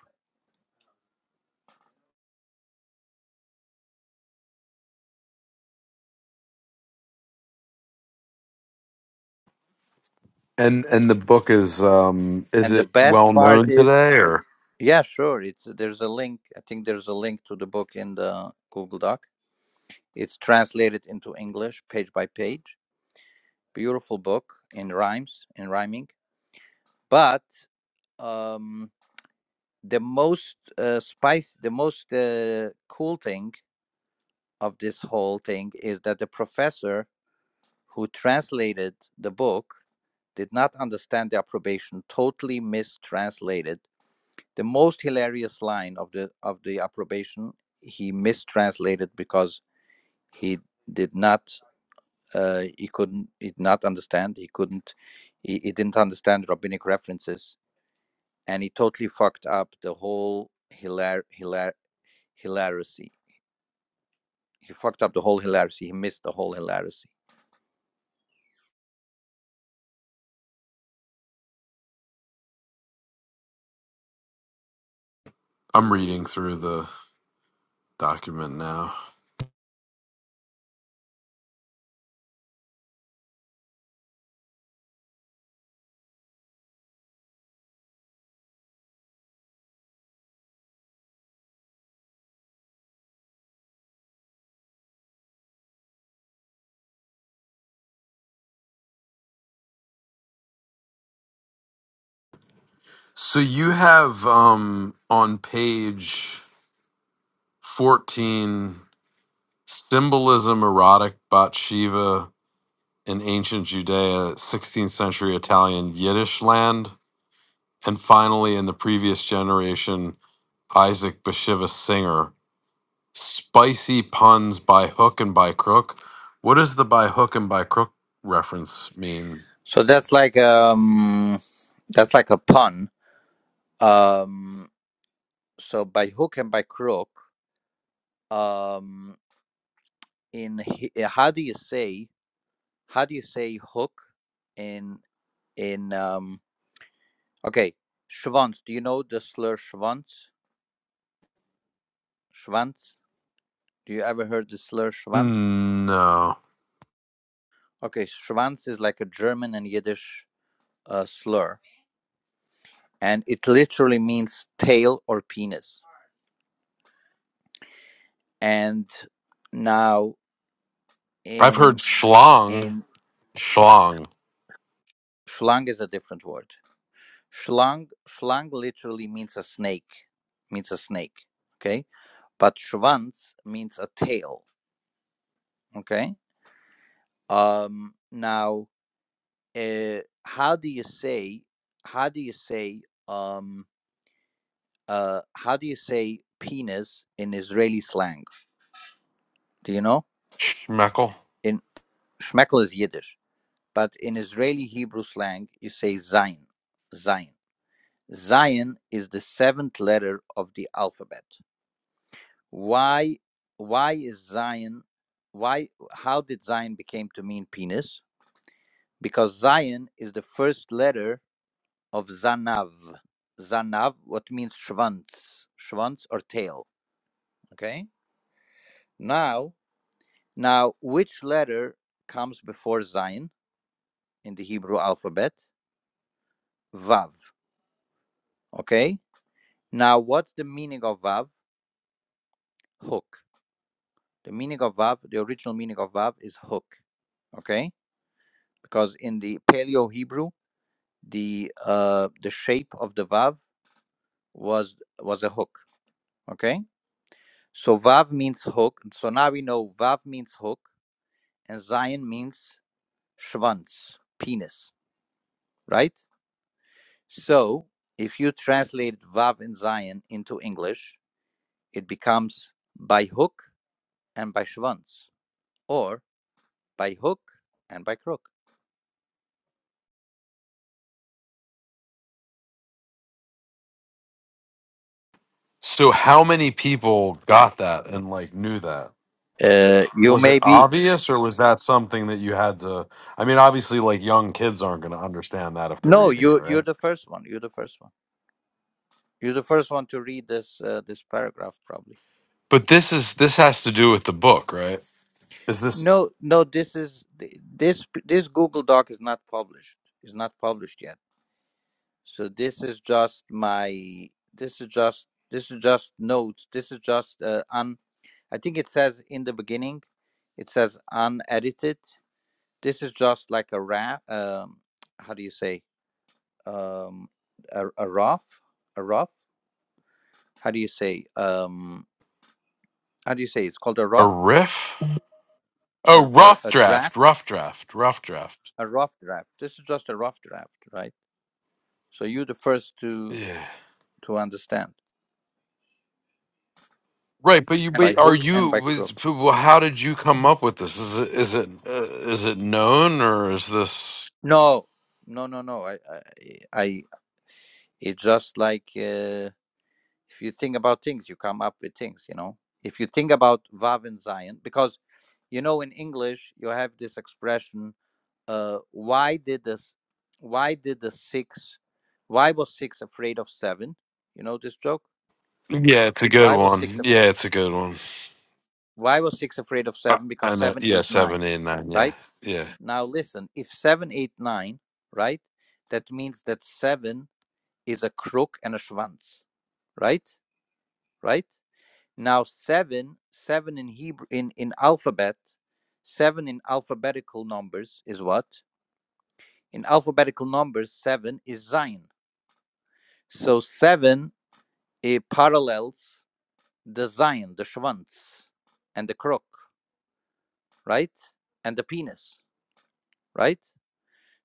And and the book is um is
and the
it
best
well
part
known
is
today or?
yeah sure it's there's a link i think there's a link to the book in the google doc it's translated into english page by page beautiful book in rhymes in rhyming but um the most uh, spice the most uh, cool thing of this whole thing is that the professor who translated the book did not understand the approbation, totally mistranslated. The most hilarious line of the of the approbation he mistranslated because he did not uh, he couldn't he did not understand he couldn't he, he didn't understand rabbinic references and he totally fucked up the whole hilar hilar hilarity He fucked up the whole hilarity. He missed the whole hilarity.
I'm reading through the document now. So you have um on page 14 symbolism erotic Bat Shiva in ancient Judea, 16th century Italian Yiddish land. And finally, in the previous generation, Isaac Bashevis Singer, spicy puns by hook and by crook. What does the by hook and by crook reference mean?
So that's like um that's like a pun. Um so by hook and by crook, um in hi- how do you say how do you say hook in in um Okay, Schwanz. Do you know the slur Schwanz? Schwanz? Do you ever heard the slur Schwanz?
Mm, No.
Okay, Schwanz is like a German and Yiddish uh, slur, and it literally means tail or penis. And now
I've heard
in
schlong,
in
schlong,
Schlang is a different word. Schlang Schlang literally means a snake, means a snake. Okay, but Schwanz means a tail. Okay. Um. Now uh, how do you say how do you say um uh how do you say penis in Israeli slang? Do you know?
schmeckle.
In Schmeckel is Yiddish, but in Israeli Hebrew slang you say Zion. Zion. Zion is the seventh letter of the alphabet. Why why is Zion why how did Zion became to mean penis? Because Zion is the first letter of Zanav. Zanav, what means Schwanz, Schwanz or tail. Okay. Now, now, which letter comes before Zayin in the Hebrew alphabet? Vav. Okay. Now, what's the meaning of Vav? Hook. The meaning of Vav, the original meaning of Vav is hook. Okay. Because in the Paleo Hebrew, the uh, the shape of the Vav was was a hook. Okay. So Vav means hook. So now we know Vav means hook. and Zion means Schwanz, penis, right? So if you translate Vav and Zion into English, it becomes by hook and by Schwanz, or by hook and by crook.
So, how many people got that and like knew that?
Uh, you
Was it
may be
obvious or was that something that you had to? I mean, obviously, like young kids aren't going to understand that if they're
no,
reading it,
you you're
right?
the first one. You're the first one. You're the first one to read this uh, this paragraph probably.
But this is this has to do with the book, right? Is this
No, no, this is this this Google Doc is not published. It's not published yet So this is just my. This is just. This is just notes. This is just uh, un. I think it says in the beginning. It says unedited. This is just like a wrap. Um, how do you say? Um, a, a rough. A rough. How do you say? Um, how do you say? It's called a
a
rough.
riff?
A,
Oh,
a,
rough
a
draft,
draft.
rough draft, rough draft.
A rough draft. This is just a rough draft, right? So you're the first to
Yeah.
to understand
Right, but you,
by
but are
hook
you?
and by crook.
was- Well, how did you come up with this? Is it is it uh, is it known or is this?
No, no, no, no. I, I, I it's just like uh, if you think about things, you come up with things, you know. If you think about Vav and Zion, because you know in English you have this expression, uh, why did this, why did the six, why was six afraid of seven? You know this joke.
Yeah, it's a good
Why was six?
one.
af-
Yeah, it's a good one.
Why was six afraid of
I,
seven? Because
I know.
seven,
Yeah,
eight,
seven,
nine,
eight, nine. Yeah,
right?
yeah.
Now listen, if seven, eight, nine, right? That means that seven is a crook and a schwanz, right? Right? Now seven, seven in Hebrew in in alphabet, seven in alphabetical numbers is what? In alphabetical numbers, seven is Zion. So seven it parallels the Zion, the schwanz, and the crook, right? And the penis, right?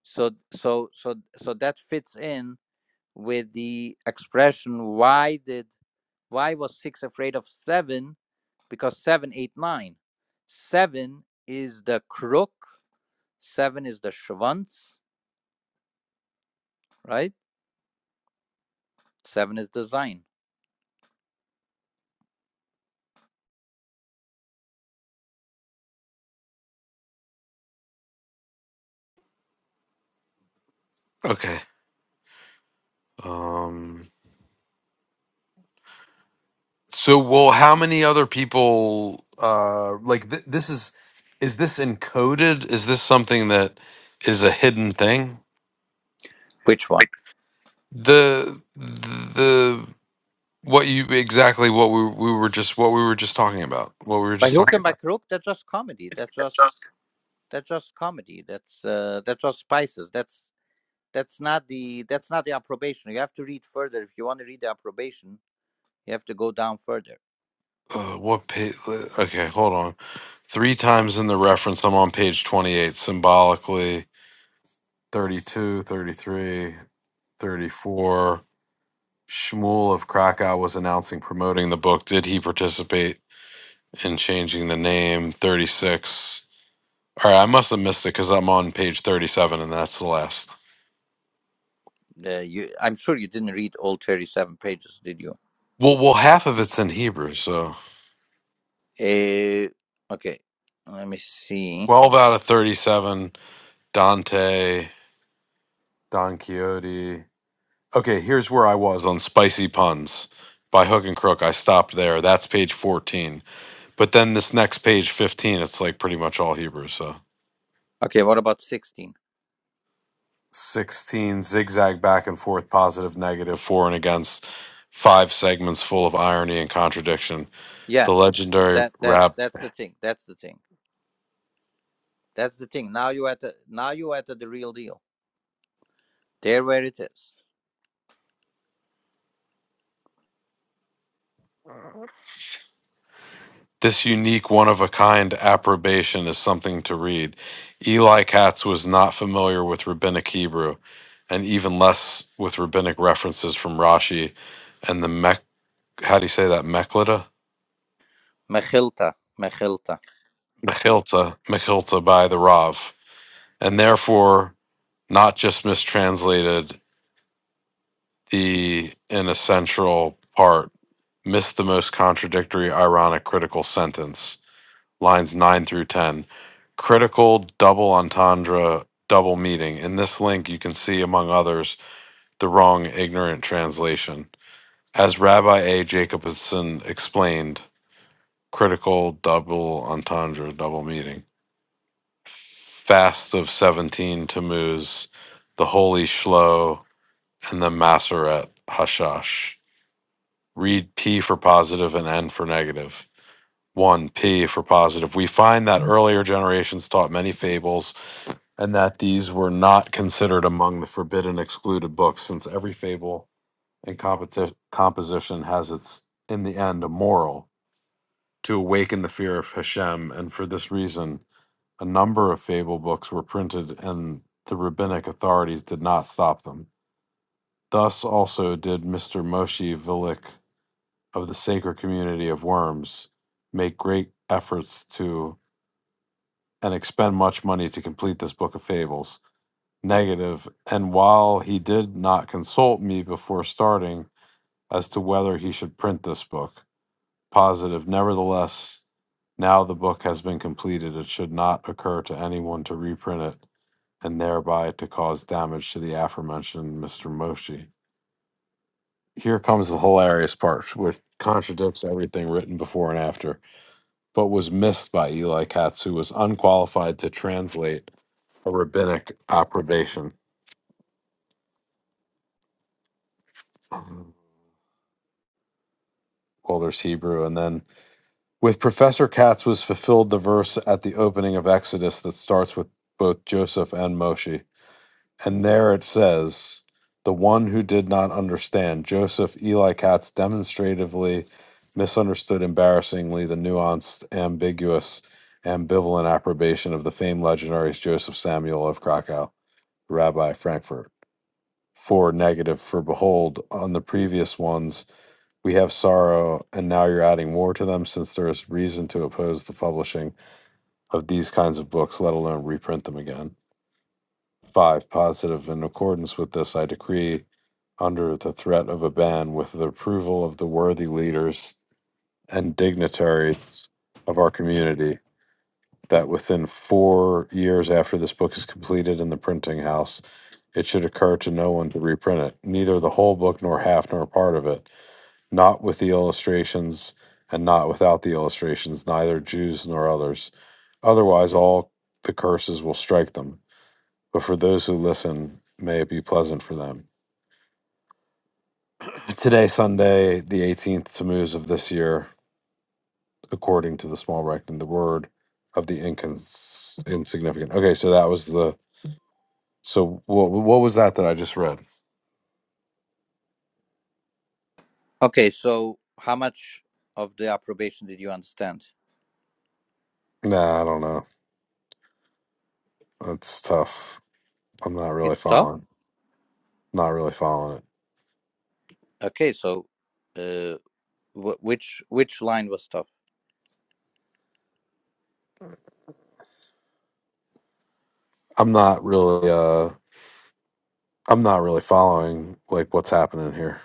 So so so so that fits in with the expression why did Why was six afraid of seven? Because seven, eight, nine. Seven is the crook. Seven is the schwanz, right? Seven is the sign.
Okay. Um. So, well, how many other people? Uh, like th- this is is this encoded? Is this something that is a hidden thing?
Which one?
the the what you exactly what we we were just what we were just talking about what we were
By
just
hook
talking
and by
about
crook, that's just comedy. That's just that's just comedy. That's uh, that's just spices. That's that's not the that's not the approbation. You have to read further if you want to read the approbation. You have to go down further.
uh, what page okay hold on three times in the reference i'm on page 28 symbolically 32 33 34 shmuel of krakow was announcing promoting the book did he participate in changing the name 36 all right i must have missed it because i'm on page 37 and that's the last
Uh, you, I'm sure you didn't read all thirty-seven pages, did you?
well well half of it's in hebrew so
Uh, okay, let me see.
12 out of 37, Dante, Don Quixote. Okay, here's where I was on spicy puns by Hook and Crook. I stopped there. That's page 14. But then this next page 15, it's like pretty much all Hebrew, so
Okay, what about 16?
16 zigzag back and forth positive negative for and against five segments full of irony and contradiction. The
Yeah.
legendary
That that's
rap
that's the thing. That's the thing. That's the thing. Now you at the now you at the, the real deal. There where it is.
This unique, one of a kind approbation is something to read. Eli Katz was not familiar with rabbinic Hebrew, and even less with rabbinic references from Rashi and the Mech. How do you say that? Mechilta?
Mechilta, Mechilta.
Mechilta. Mechilta by the Rav. And therefore, not just mistranslated the inessential part, missed the most contradictory, ironic, critical sentence lines 9 through 10. Critical double entendre double meaning. In this link, you can see, among others, the wrong ignorant translation. As Rabbi A. Jacobson explained, critical double entendre double meaning. Fast of 17 Tammuz, the Holy Shlo, and the Maseret Hashash. Read P for positive and N for negative. One P for positive. We find that earlier generations taught many fables, and that these were not considered among the forbidden excluded books, since every fable and competi- composition has its, in the end, a moral to awaken the fear of Hashem, and for this reason, a number of fable books were printed, and the rabbinic authorities did not stop them. Thus also did Mr. Moshe Vilik of the Sacred Community of Worms make great efforts to and expend much money to complete this book of fables. Negative, and while he did not consult me before starting as to whether he should print this book, positive, nevertheless, now the book has been completed, it should not occur to anyone to reprint it and thereby to cause damage to the aforementioned Mr. Moshi. Here comes the hilarious part, which contradicts everything written before and after, but was missed by Eli Katz, who was unqualified to translate a rabbinic approbation. Well, there's Hebrew. And then with Professor Katz was fulfilled the verse at the opening of Exodus that starts with both Joseph and Moshe. And there it says, the one who did not understand, Joseph Eli Katz demonstratively misunderstood embarrassingly the nuanced, ambiguous, ambivalent approbation of the famed legendaries Joseph Samuel of Krakow, Rabbi Frankfurt. Four negative for behold on the previous ones we have sorrow and now you're adding more to them since there is reason to oppose the publishing of these kinds of books let alone reprint them again five positive in accordance with this i decree under the threat of a ban with the approval of the worthy leaders and dignitaries of our community that within four years after this book is completed in the printing house, it should occur to no one to reprint it, neither the whole book nor half nor part of it, not with the illustrations and not without the illustrations, neither Jews nor others. Otherwise, all the curses will strike them. But for those who listen, may it be pleasant for them. Today, Sunday, the 18th Tammuz of this year, according to the small reckoning, the word of the incons- insignificant. Okay, so that was the So what what was that that I just read?
Okay, so how much of the approbation did you understand?
Nah, I don't know. That's tough. I'm not really
It's tough.
following. Not really following it.
Okay, so uh, wh- which which line was tough?
I'm not really uh I'm not really following like what's happening here.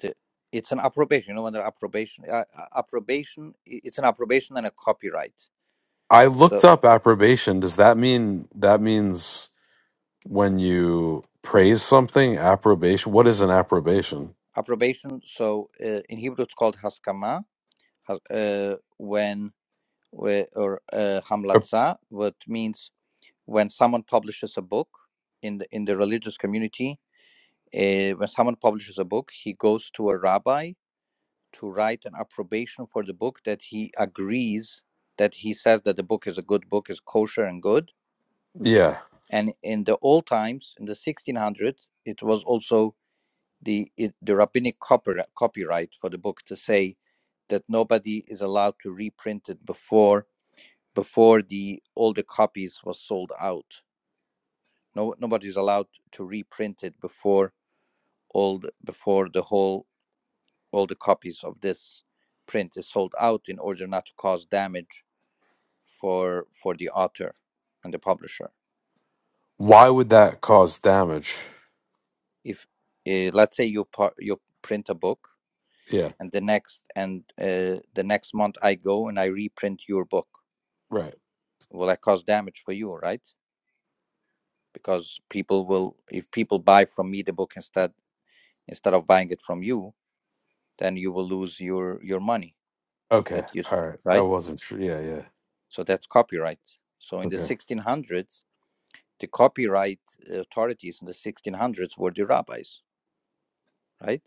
The, it's an approbation. You know, under approbation, uh, uh, approbation. i- It's an approbation and a copyright.
I looked
So
up approbation. Does that mean that means when you praise something, approbation? What is an approbation?
approbation. So uh, in Hebrew, it's called haskama, has, uh, when whe- or uh,
Ap-
hamlatza, what means when someone publishes a book in the in the religious community. Uh, when someone publishes a book, he goes to a rabbi to write an approbation for the book that he agrees that he says that the book is a good book, is kosher and good.
yeah.
And in the old times, in the 1600s, it was also the it, the rabbinic copyri- copyright for the book to say that nobody is allowed to reprint it before before the all the copies was sold out. No nobody's allowed to reprint it before all the, before the whole all the copies of this print is sold out in order not to cause damage for for the author and the publisher.
Why would that cause damage?
If uh, let's say you par- you print a book
Yeah,
and the next and uh, the next month I go and I reprint your book
right.
will I cause damage for you, right? Because people will, if people buy from me the book instead instead of buying it from you, then you will lose your your money
Okay.
that you
All right. I
right.
wasn't sure. Yeah, yeah.
So that's copyright. So in the
Okay.
1600s, the copyright authorities in the 1600s were the rabbis, right?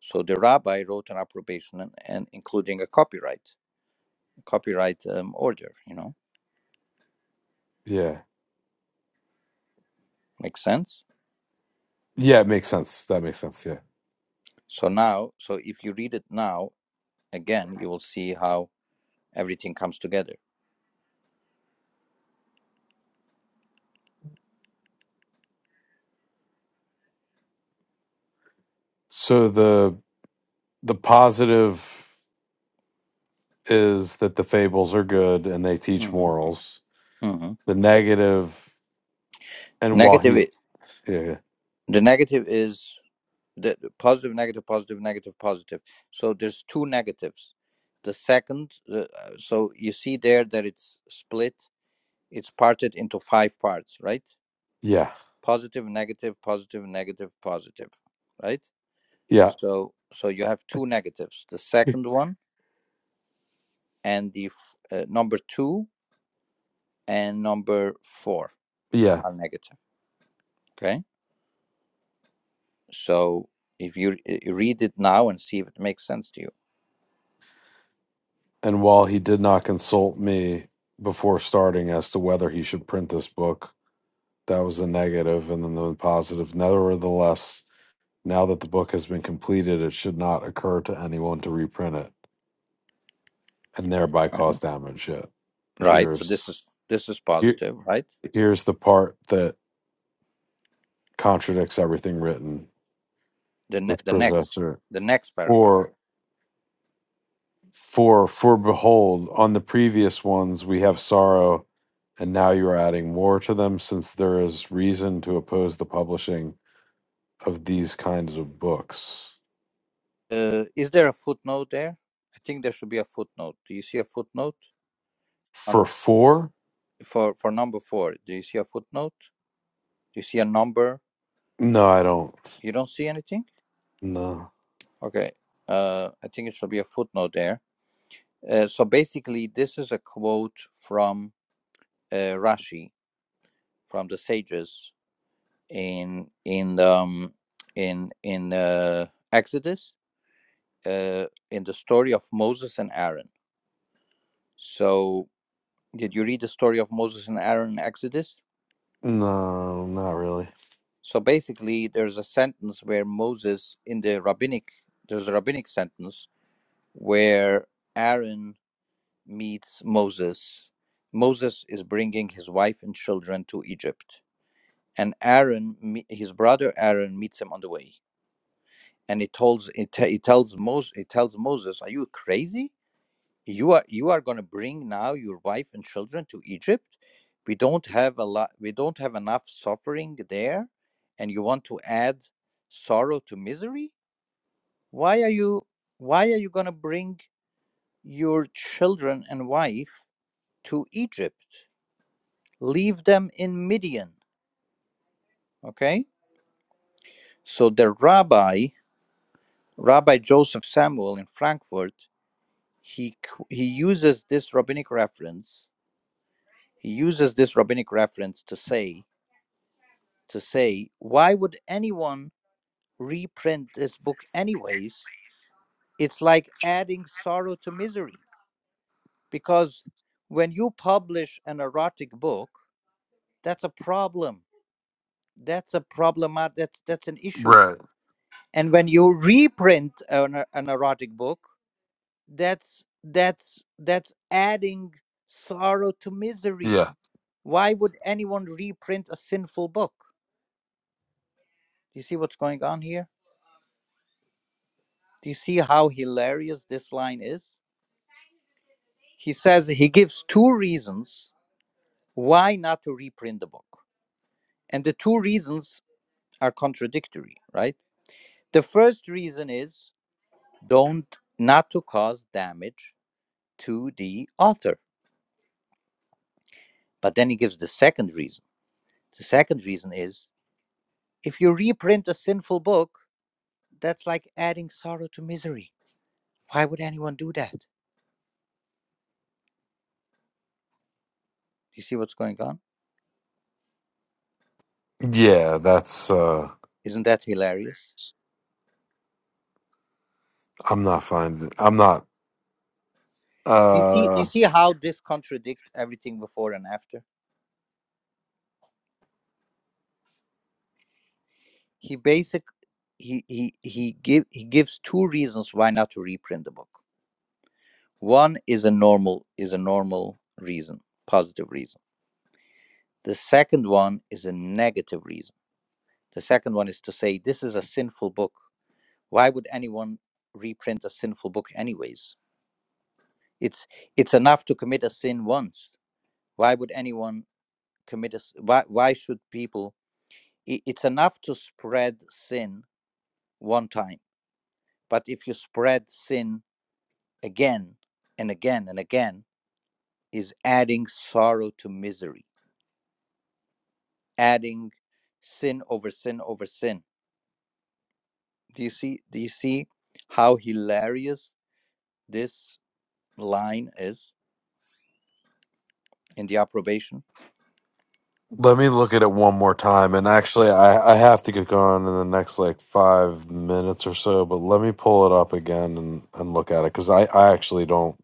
So the rabbi wrote an approbation and, and including a copyright copyright um, order. You know,
Yeah.
makes sense.
Yeah, it makes sense. That makes sense. Yeah.
So now, so if you read it now again, you will see how everything comes together
So the the positive is that the fables are good and they teach
hmm
morals.
hmm
The negative, and while
Negative.
he,
i-
yeah,
The negative is the the positive, negative, positive, negative, positive. So there's two negatives. The second, uh, uh, so you see there that it's split. It's parted into five parts, right?
yeah,
Positive, negative, positive, negative, positive, right?
yeah,
So so you have two negatives. The second one and the f- uh, number two and number four
yeah,
are negative. Okay. So if you uh, read it now and see if it makes sense to you.
and while he did not consult me before starting as to whether he should print this book, that was a negative, and then the positive. Nevertheless, now that the book has been completed, it should not occur to anyone to reprint it and thereby
Right.
cause damage. Yet,
Right. So
here's
this is this is
here,
positive, right?
here's the part that contradicts everything written
The ne-
with
the next
professor
the next paragraph.
for for for behold on the previous ones we have sorrow and now you are adding more to them since there is reason to oppose the publishing of these kinds of books
Uh, is there a footnote there? I think there should be a footnote. Do you see a footnote on
for four
for for number four? Do you see a footnote? Do you see a number?
no i don't
You don't see anything.
no
Okay. Uh, I think it should be a footnote there. Uh, so basically, this is a quote from uh, Rashi from the sages in in the, um, in in uh, Exodus uh, in the story of Moses and Aaron. So, did you read the story of Moses and Aaron in Exodus?
no not really
So, basically, there's a sentence where Moses, in the rabbinic, there's a rabbinic sentence where Aaron meets Moses. Moses is bringing his wife and children to Egypt, and Aaron, me- his brother Aaron, meets him on the way. And he tells, he, t- tells Moses, he tells Moses, "Are you crazy? you are you are going to bring now your wife and children to egypt we don't have a lot we don't have enough suffering there and you want to add sorrow to misery why are you why are you going to bring your children and wife to egypt leave them in midian okay so the rabbi rabbi joseph samuel in frankfurt he qu- he uses this rabbinic reference he uses this rabbinic reference to say to say, why would anyone reprint this book anyways? It's like adding sorrow to misery. Because when you publish an erotic book, that's a problem. That's a problem. That's that's an issue. And when you reprint an, e- an erotic book, that's that's that's adding sorrow to
yeah
misery. Why would anyone reprint a sinful book? Do you see what's going on here? Do you see how hilarious this line is? he says he gives two reasons why not to reprint the book and the two reasons are contradictory right the first reason is don't not to cause damage to the author but then he gives the second reason the second reason is if you reprint a sinful book that's like adding sorrow to misery why would anyone do that do you see what's going on
yeah that's uh
isn't that hilarious
i'm not finding i'm not
do you see
uh
do you see how this contradicts everything before and after he basic he he he give he gives two reasons why not to reprint the book. One is a normal is a normal reason, positive reason. The second one is a negative reason. The second one is to say this is a sinful book. Why would anyone reprint a sinful book anyways? It's it's enough to commit a sin once. Why would anyone commit a s- why why should people i- it's enough to spread sin one time. But if you spread sin again and again and again is adding sorrow to misery adding sin over sin over sin do you see do you see how hilarious this line is in the approbation
Let me look at it one more time. And actually, I, I have to get going in the next like five minutes or so, but let me pull it up again and, and look at it because I, I actually don't,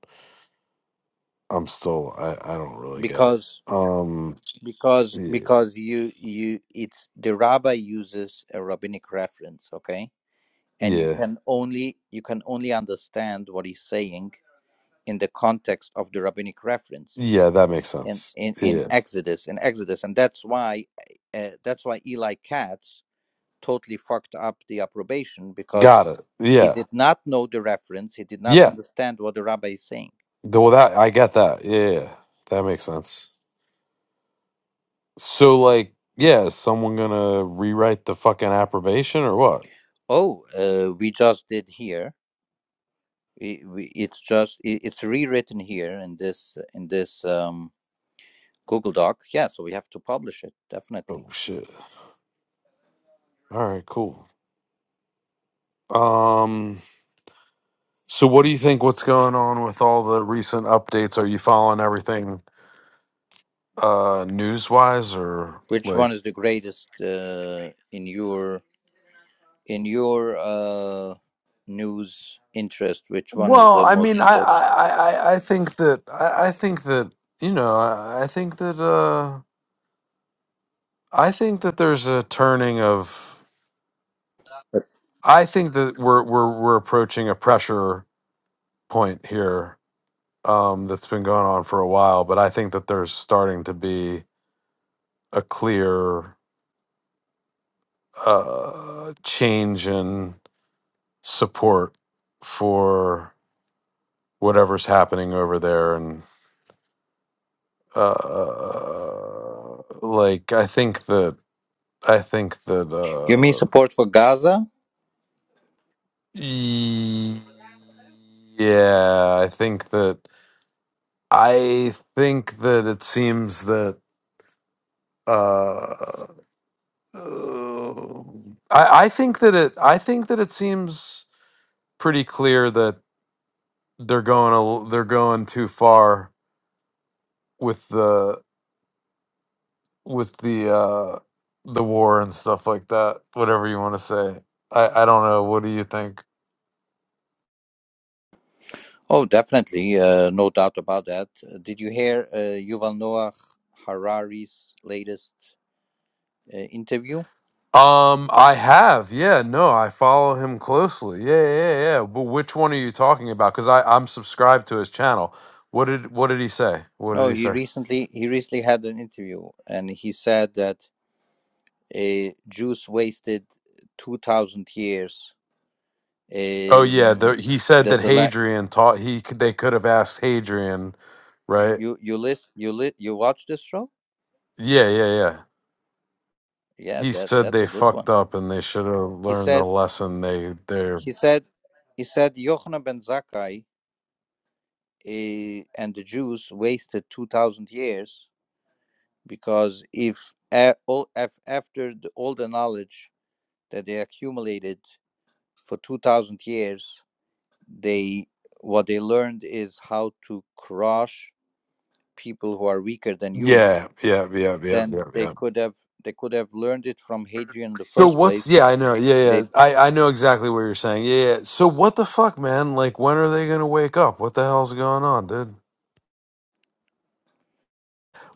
I'm still, I, I don't really get it.
because
Um,
because
yeah,
because you you it's the rabbi uses a rabbinic reference okay and you
yeah,
can only you can only understand what he's saying in the context of the rabbinic reference
yeah, that makes
in
sense.
in in
Yeah,
Exodus in Exodus, and that's why uh, that's why Eli Katz totally fucked up the approbation because
got it.
he
Yeah,
did not know the reference. He did not
yeah.
understand what the rabbi is saying.
The- Well, that I get that. Yeah, yeah, yeah, that makes sense. So, like, yeah, is someone gonna rewrite the fucking approbation or what?
Oh, uh, we just did here. i- we- It's just i- it's rewritten here in this in this um, Google Doc. Yeah, so we have to publish it definitely.
Oh shit. All right, cool. Um so what do you think what's going on with all the recent updates? Are you following everything uh news-wise or
Which
like
one is the greatest uh, in your? in your uh, news interest, which one is
Well,
the
I
most
mean, I,
important?
I, I, I I think that I, I think that you know, I, I think that uh, I think that there's a turning of. I think that we're we're we're approaching a pressure point here um, that's been going on for a while, but I think that there's starting to be a clear uh, change in support for whatever's happening over there, and uh, like I think that I think that
You mean
uh,
support for Gaza?
y- yeah, I think that I think that it seems that uh, uh, I, I think that it I think that it seems pretty clear that they're going a, l- they're going too far with the with the uh, the war and stuff like that. Whatever you want to say, I I don't know. What do you think?
Oh, definitely, uh, no doubt about that. Uh, Did you hear uh, Yuval Noah Harari's latest uh, interview?
Um, I have, yeah, no, I follow him closely. Yeah, yeah, yeah. yeah. But which one are you talking about? Because I I'm subscribed to his channel. What did what did he say? What did
No,
he
he
say?
recently he recently had an interview, and he said that uh, Jews wasted two thousand years.
Oh yeah, the,
Um,
he said
that
that
the la-
Hadrian taught he could- they could have asked Hadrian, right?
you you list you lit you watch this show
Yeah, yeah, yeah.
yeah
He
that
said
that's
they
a good
fucked
one
up and they should have
he
learned the
said
lesson. They they're
he said he said yochanan ben zakkai eh, and the jews wasted 2000 years because if, a- all, if after the, all the knowledge that they accumulated for 2000 years they what they learned is how to crush people who are weaker than you
yeah, yeah, yeah, yeah,
then
yeah,
they
yeah.
could have they could have learned it from hadrian in the
So
first
what's
place
yeah, I know. Yeah,
They.
yeah. I I know exactly what you're saying. Yeah, yeah. So what the fuck, man? Like when are they going to wake up? What the hell's going on, dude?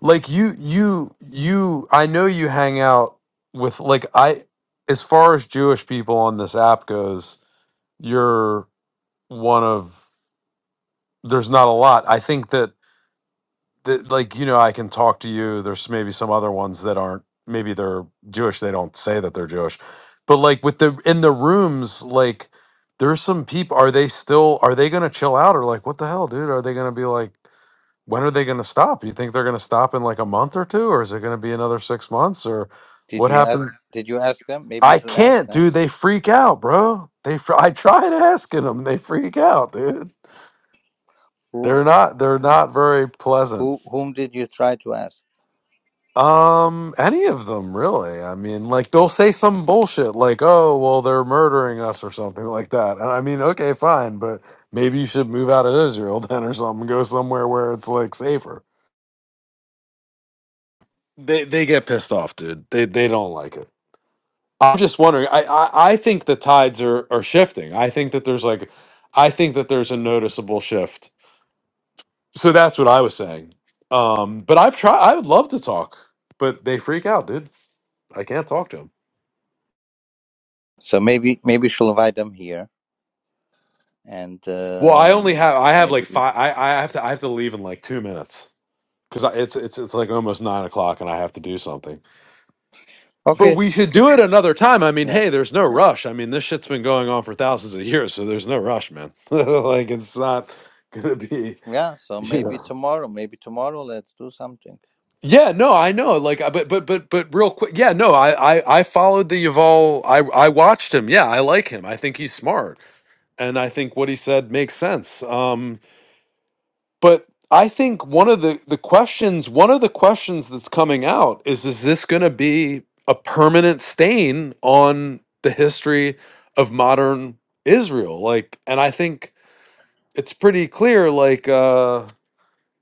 Like you you you I know you hang out with like I as far as Jewish people on this app goes, you're one of there's not a lot. I think that that like you know I can talk to you. There's maybe some other ones that aren't maybe they're Jewish. They don't say that they're Jewish, but like with the in the rooms like there's some people. Are they still are they gonna chill out or like what the hell, dude? Are they gonna be like when are they gonna stop? You think they're gonna stop in like a month or two, or is it gonna be another six months or
Did
what
you ask?
happened?
Did you ask them? Maybe you
I
should ask
can't,
them.
dude. They freak out, bro. They fr- I tried asking them. They freak out, dude.
Who?
They're not they're not very pleasant.
Who? Whom did you try to ask?
Um any of them really. I mean, like they'll say some bullshit like, "Oh, well they're murdering us or something like that." And I mean, okay, fine, but maybe you should move out of Israel then or something, go somewhere where it's like safer. They they get pissed off, dude. They they don't like it. I'm just wondering. I I, I think the tides are are shifting. I think that there's like I think that there's a noticeable shift. So that's what I was saying. Um but I've tried I would love to talk, but they freak out, dude. I can't talk to him.
So maybe maybe she'll invite them here, and
Well, I only
um,
have I have like
maybe
five. I, I have to I have to leave in like two minutes because it's it's it's like almost nine o'clock and I have to do something. But
okay,
we should do it another time. I mean,
yeah,
hey, there's no rush. I mean, this shit's been going on for thousands of years, so there's no rush, man. like it's not gonna be
yeah. So
you
maybe
know.
tomorrow, maybe tomorrow, let's do something.
Yeah, no, I know. Like, I- but but but but real quick. Yeah, no, I I I followed the Yuval. I I watched him. Yeah, I like him. I think he's smart and I think what he said makes sense. Um, but I think one of the the questions one of the questions that's coming out is is this going to be a permanent stain on the history of modern Israel like and I think it's pretty clear like uh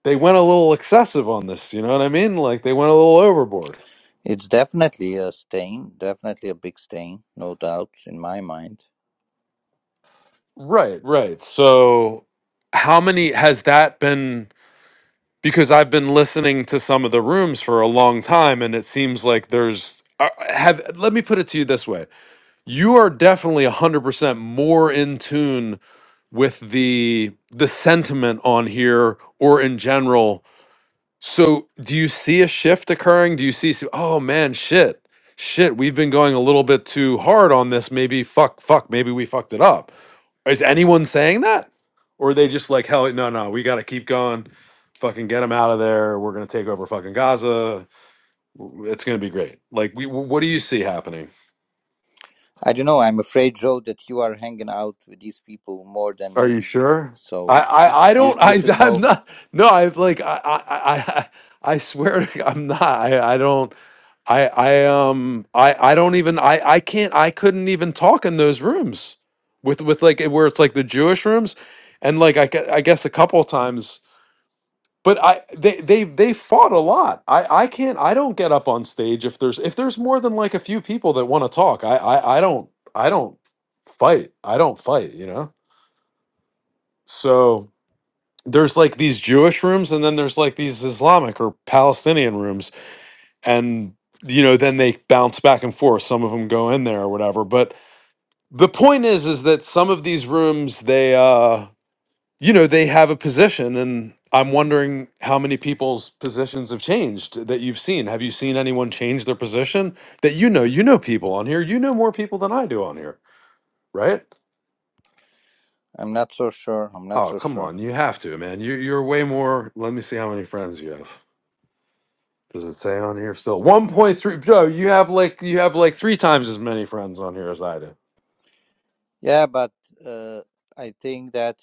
they went a little excessive on this you know what I mean like they went a little overboard
It's definitely a stain, definitely a big stain, no doubt in my mind.
right right so how many has that been because I've been listening to some of the rooms for a long time and it seems like there's uh, have let me put it to you this way you are definitely 100% more in tune with the the sentiment on here or in general so do you see a shift occurring do you see see- oh man shit shit we've been going a little bit too hard on this maybe fuck fuck maybe we fucked it up is anyone saying that or are they just like hell no no we got to keep going fucking get them out of there we're going to take over fucking gaza w- it's going to be great like we, wh- what do you see happening
I don't know. I'm afraid, Joe, that you are hanging out with these people more than
Are you
me.
sure?
So
I, I, I
you
don't
you
I
should
I'm
know.
not no I've like I I I, I I swear to God, I'm not I, I don't I I um I I don't even I I can't I couldn't even talk in those rooms with with like where it's like the Jewish rooms and like I, gue- I guess a couple of times but I they they they fought a lot I I can't I don't get up on stage if there's if there's more than like a few people that want to talk I, I I don't I don't fight I don't fight you know so there's like these Jewish rooms and then there's like these Islamic or Palestinian rooms and you know then they bounce back and forth some of them go in there or whatever but the point is is that some of these rooms they uh you know they have a position and I'm wondering how many people's positions have changed that you've seen have you seen anyone change their position that you know you know people on here you know more people than I do on here right
I'm not so sure. I'm not
oh
so
come
sure.
on you have to man you you're way more let me see how many friends you have Does it say on here still? 1.3 Joe, you have like you have like three times as many friends on here as I do.
Yeah, but uh, I think that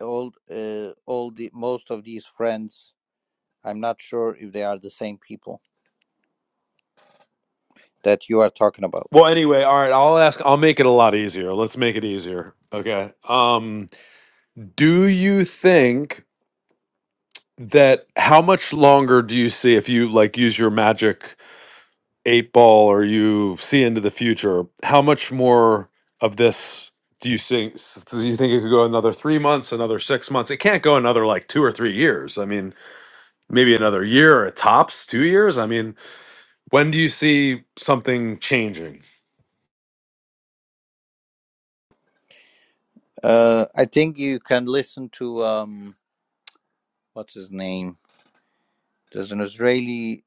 all uh, all the most of these friends, I'm not sure if they are the same people that you are talking about.
Well, anyway, all right, I'll ask I'll make it a lot easier. Let's make it easier. Okay. Um do you think that how much longer do you see if you like use your magic eight ball or you see into the future, how much more of this do you think s- do you think it could go another 3 months, another 6 months? It can't go another like 2 or 3 years. I mean, maybe another year at tops, 2 years. I mean, When do you see something changing?
Uh, I think you can listen to um, what's his name? There's an Israeli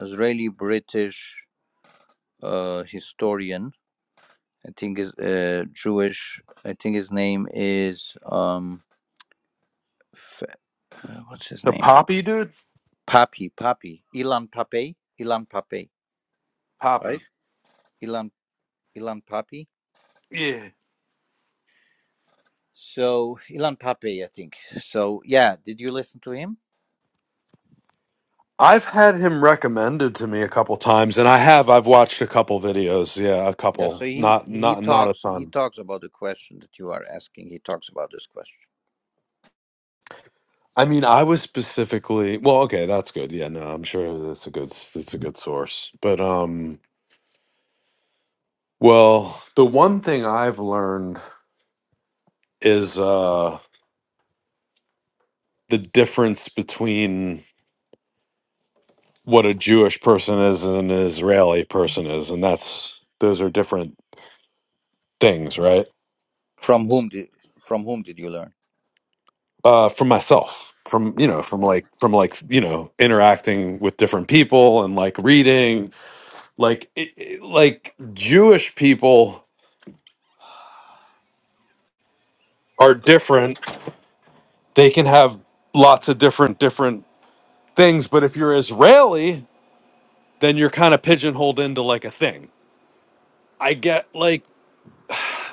Israeli British uh, historian. I think is uh, Jewish. I think his name is um, F- uh, what's his
The
name?
Poppy dude?
Papi Papi Ilan Pape Ilan Pape right?
Poppy.
Ilan Ilan Papi.
Yeah.
So Ilan Pape, I think. So yeah, did you listen to him?
I've had him recommended to me a couple times, and I have. I've watched a couple videos. Yeah, a
Yeah. So
couple.
he
Not
he
not not a
talks he
ton.
talks about the question that you are asking. He talks about this question.
I mean, I was specifically well. Okay, that's good. Yeah, no, I'm sure that's a good That's a good source. But um, well, the one thing I've learned is uh the difference between what a Jewish person is and an Israeli person is, and that's those are different things right
From whom did from whom did you learn?
uh from myself from you know from
Yeah.
like from like you know interacting with different people and like reading like it, it- like jewish people are different they can have lots of different different things but if you're israeli then you're kind of pigeonholed into like a thing i get like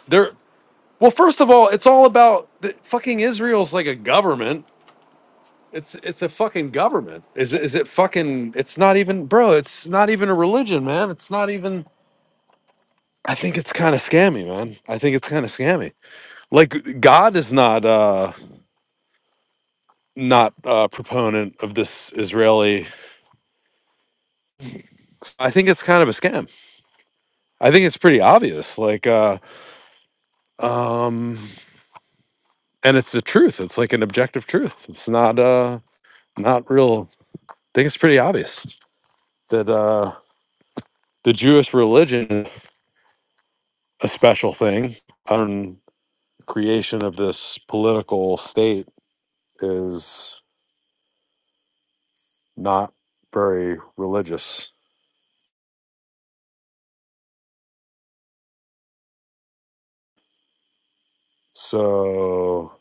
there well first of all it's all about the, fucking israel's like a government It's it's a fucking government. Is it, is it fucking? It's not even, bro. It's not even a religion, man. It's not even. I think it's kind of scammy, man. I think it's kind of scammy. Like God is not uh not a proponent of this Israeli. I think it's kind of a scam. I think it's pretty obvious. Like uh um, and it's the truth. It's like an objective truth. It's not uh not real. I think it's pretty obvious that uh the Jewish religion is a special thing. creation of this political state is not very religious. So,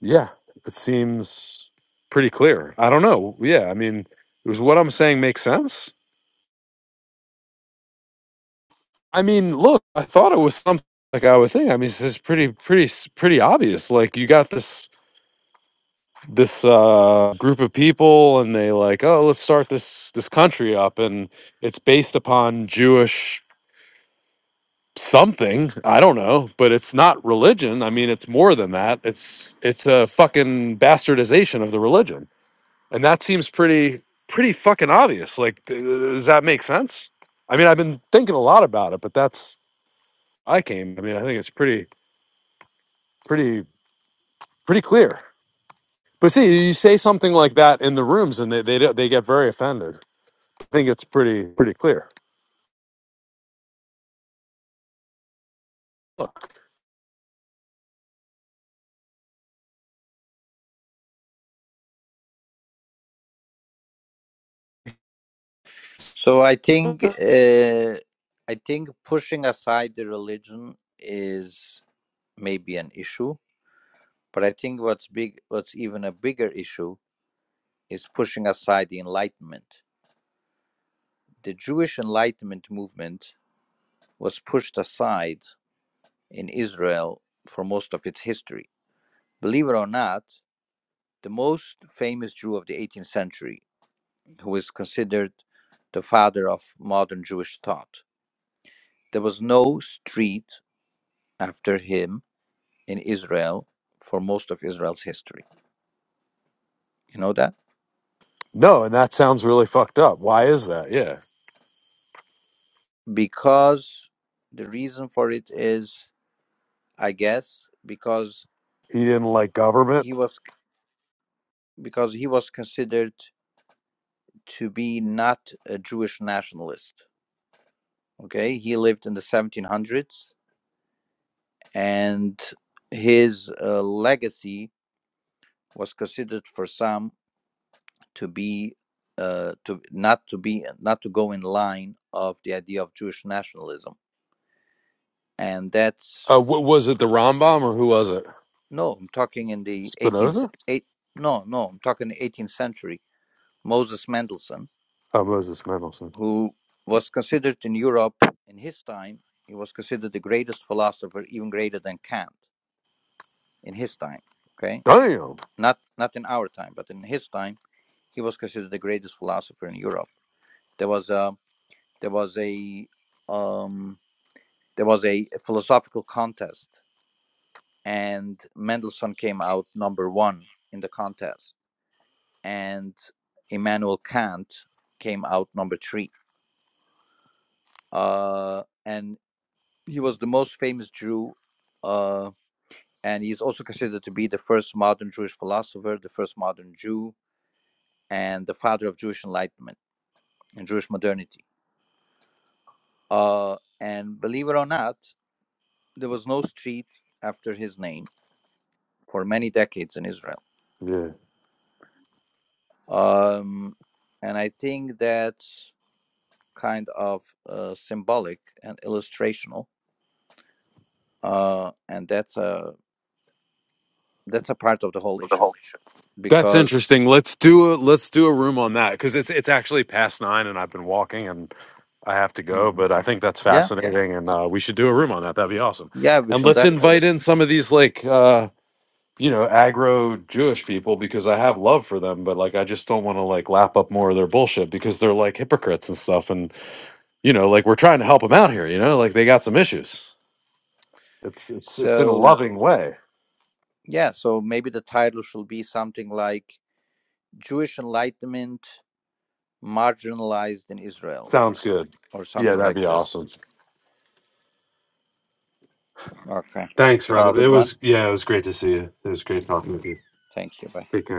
yeah, it seems pretty clear. I don't know. Yeah, I mean, is what I'm saying makes sense? I mean, look, I thought it was something like I would think. I mean, this is pretty, pretty, pretty obvious. Like you got this this uh group of people and they like oh let's start this this country up and it's based upon jewish something i don't know but it's not religion i mean it's more than that it's it's a fucking bastardization of the religion and that seems pretty pretty fucking obvious like th- does that make sense i mean i've been thinking a lot about it but that's i came i mean i think it's pretty pretty pretty clear but see you say something like that in the rooms and they they, don't- they get very offended i think it's pretty pretty clear Look,
So I think uh, I think pushing aside the religion is maybe an issue, but I think what's big, what's even a bigger issue is pushing aside the Enlightenment. The Jewish Enlightenment movement was pushed aside in Israel for most of its history. Believe it or not, the most famous Jew of the 18th century, who is considered the father of modern Jewish thought, There was no street after him in Israel for most of Israel's history. You know that?
no and that sounds really fucked up why is that yeah
Because the reason for it is, I guess, because
he didn't like government
he was because he was considered to be not a Jewish nationalist. Okay, he lived in the 1700s, and his uh, legacy was considered for some to be uh, to not to be not to go in line of the idea of Jewish nationalism, and that's
Uh, wa- was it the Rambam or who was it?
no. I'm talking in the 18th
Spinoza?
eight, no no. I'm talking the 18th century. Moses Mendelssohn,
Oh, Moses Mendelssohn.
who was considered in Europe in his time, he was considered the greatest philosopher, even greater than Kant in his time. Okay,
Damn.
not not in our time, but in his time, he was considered the greatest philosopher in Europe. There was a there was a um, There was a philosophical contest, and Mendelssohn came out number one in the contest, and Immanuel Kant came out number three. Uh, and he was the most famous Jew, uh, and he's also considered to be the first modern Jewish philosopher, the first modern Jew, and the father of Jewish enlightenment and Jewish modernity. Uh, and believe it or not, there was no street after his name for many decades in Israel.
Yeah.
Um, and I think that's kind of uh, symbolic and illustrational. Uh, and that's a that's a part of the whole issue
That's
because
interesting. Let's do a let's do a room on that because it's it's actually past nine and I've been walking and I have to go,
Mhm.
but I think that's
yeah,
fascinating and uh, we should do a room on that. That'd be awesome.
yeah, we
And
shall
let's
definitely.
invite in some of these like uh, you know agro Jewish people because I have love for them, but like I just don't want to like lap up more of their bullshit because they're like hypocrites and stuff. And you know like we're trying to help them out here. You know like they got some issues. It's it's it's in a
So
loving way.
yeah, so maybe the title should be something like Jewish Enlightenment marginalized in Israel
Sounds good.
or
Yeah,
something
that'd
like
be
this.
awesome.
Okay.
Thanks,
Have a
Rob.
good
It
one.
was yeah, it was great to see you. It was great talking with you.
Thank you. Bye.
Take care.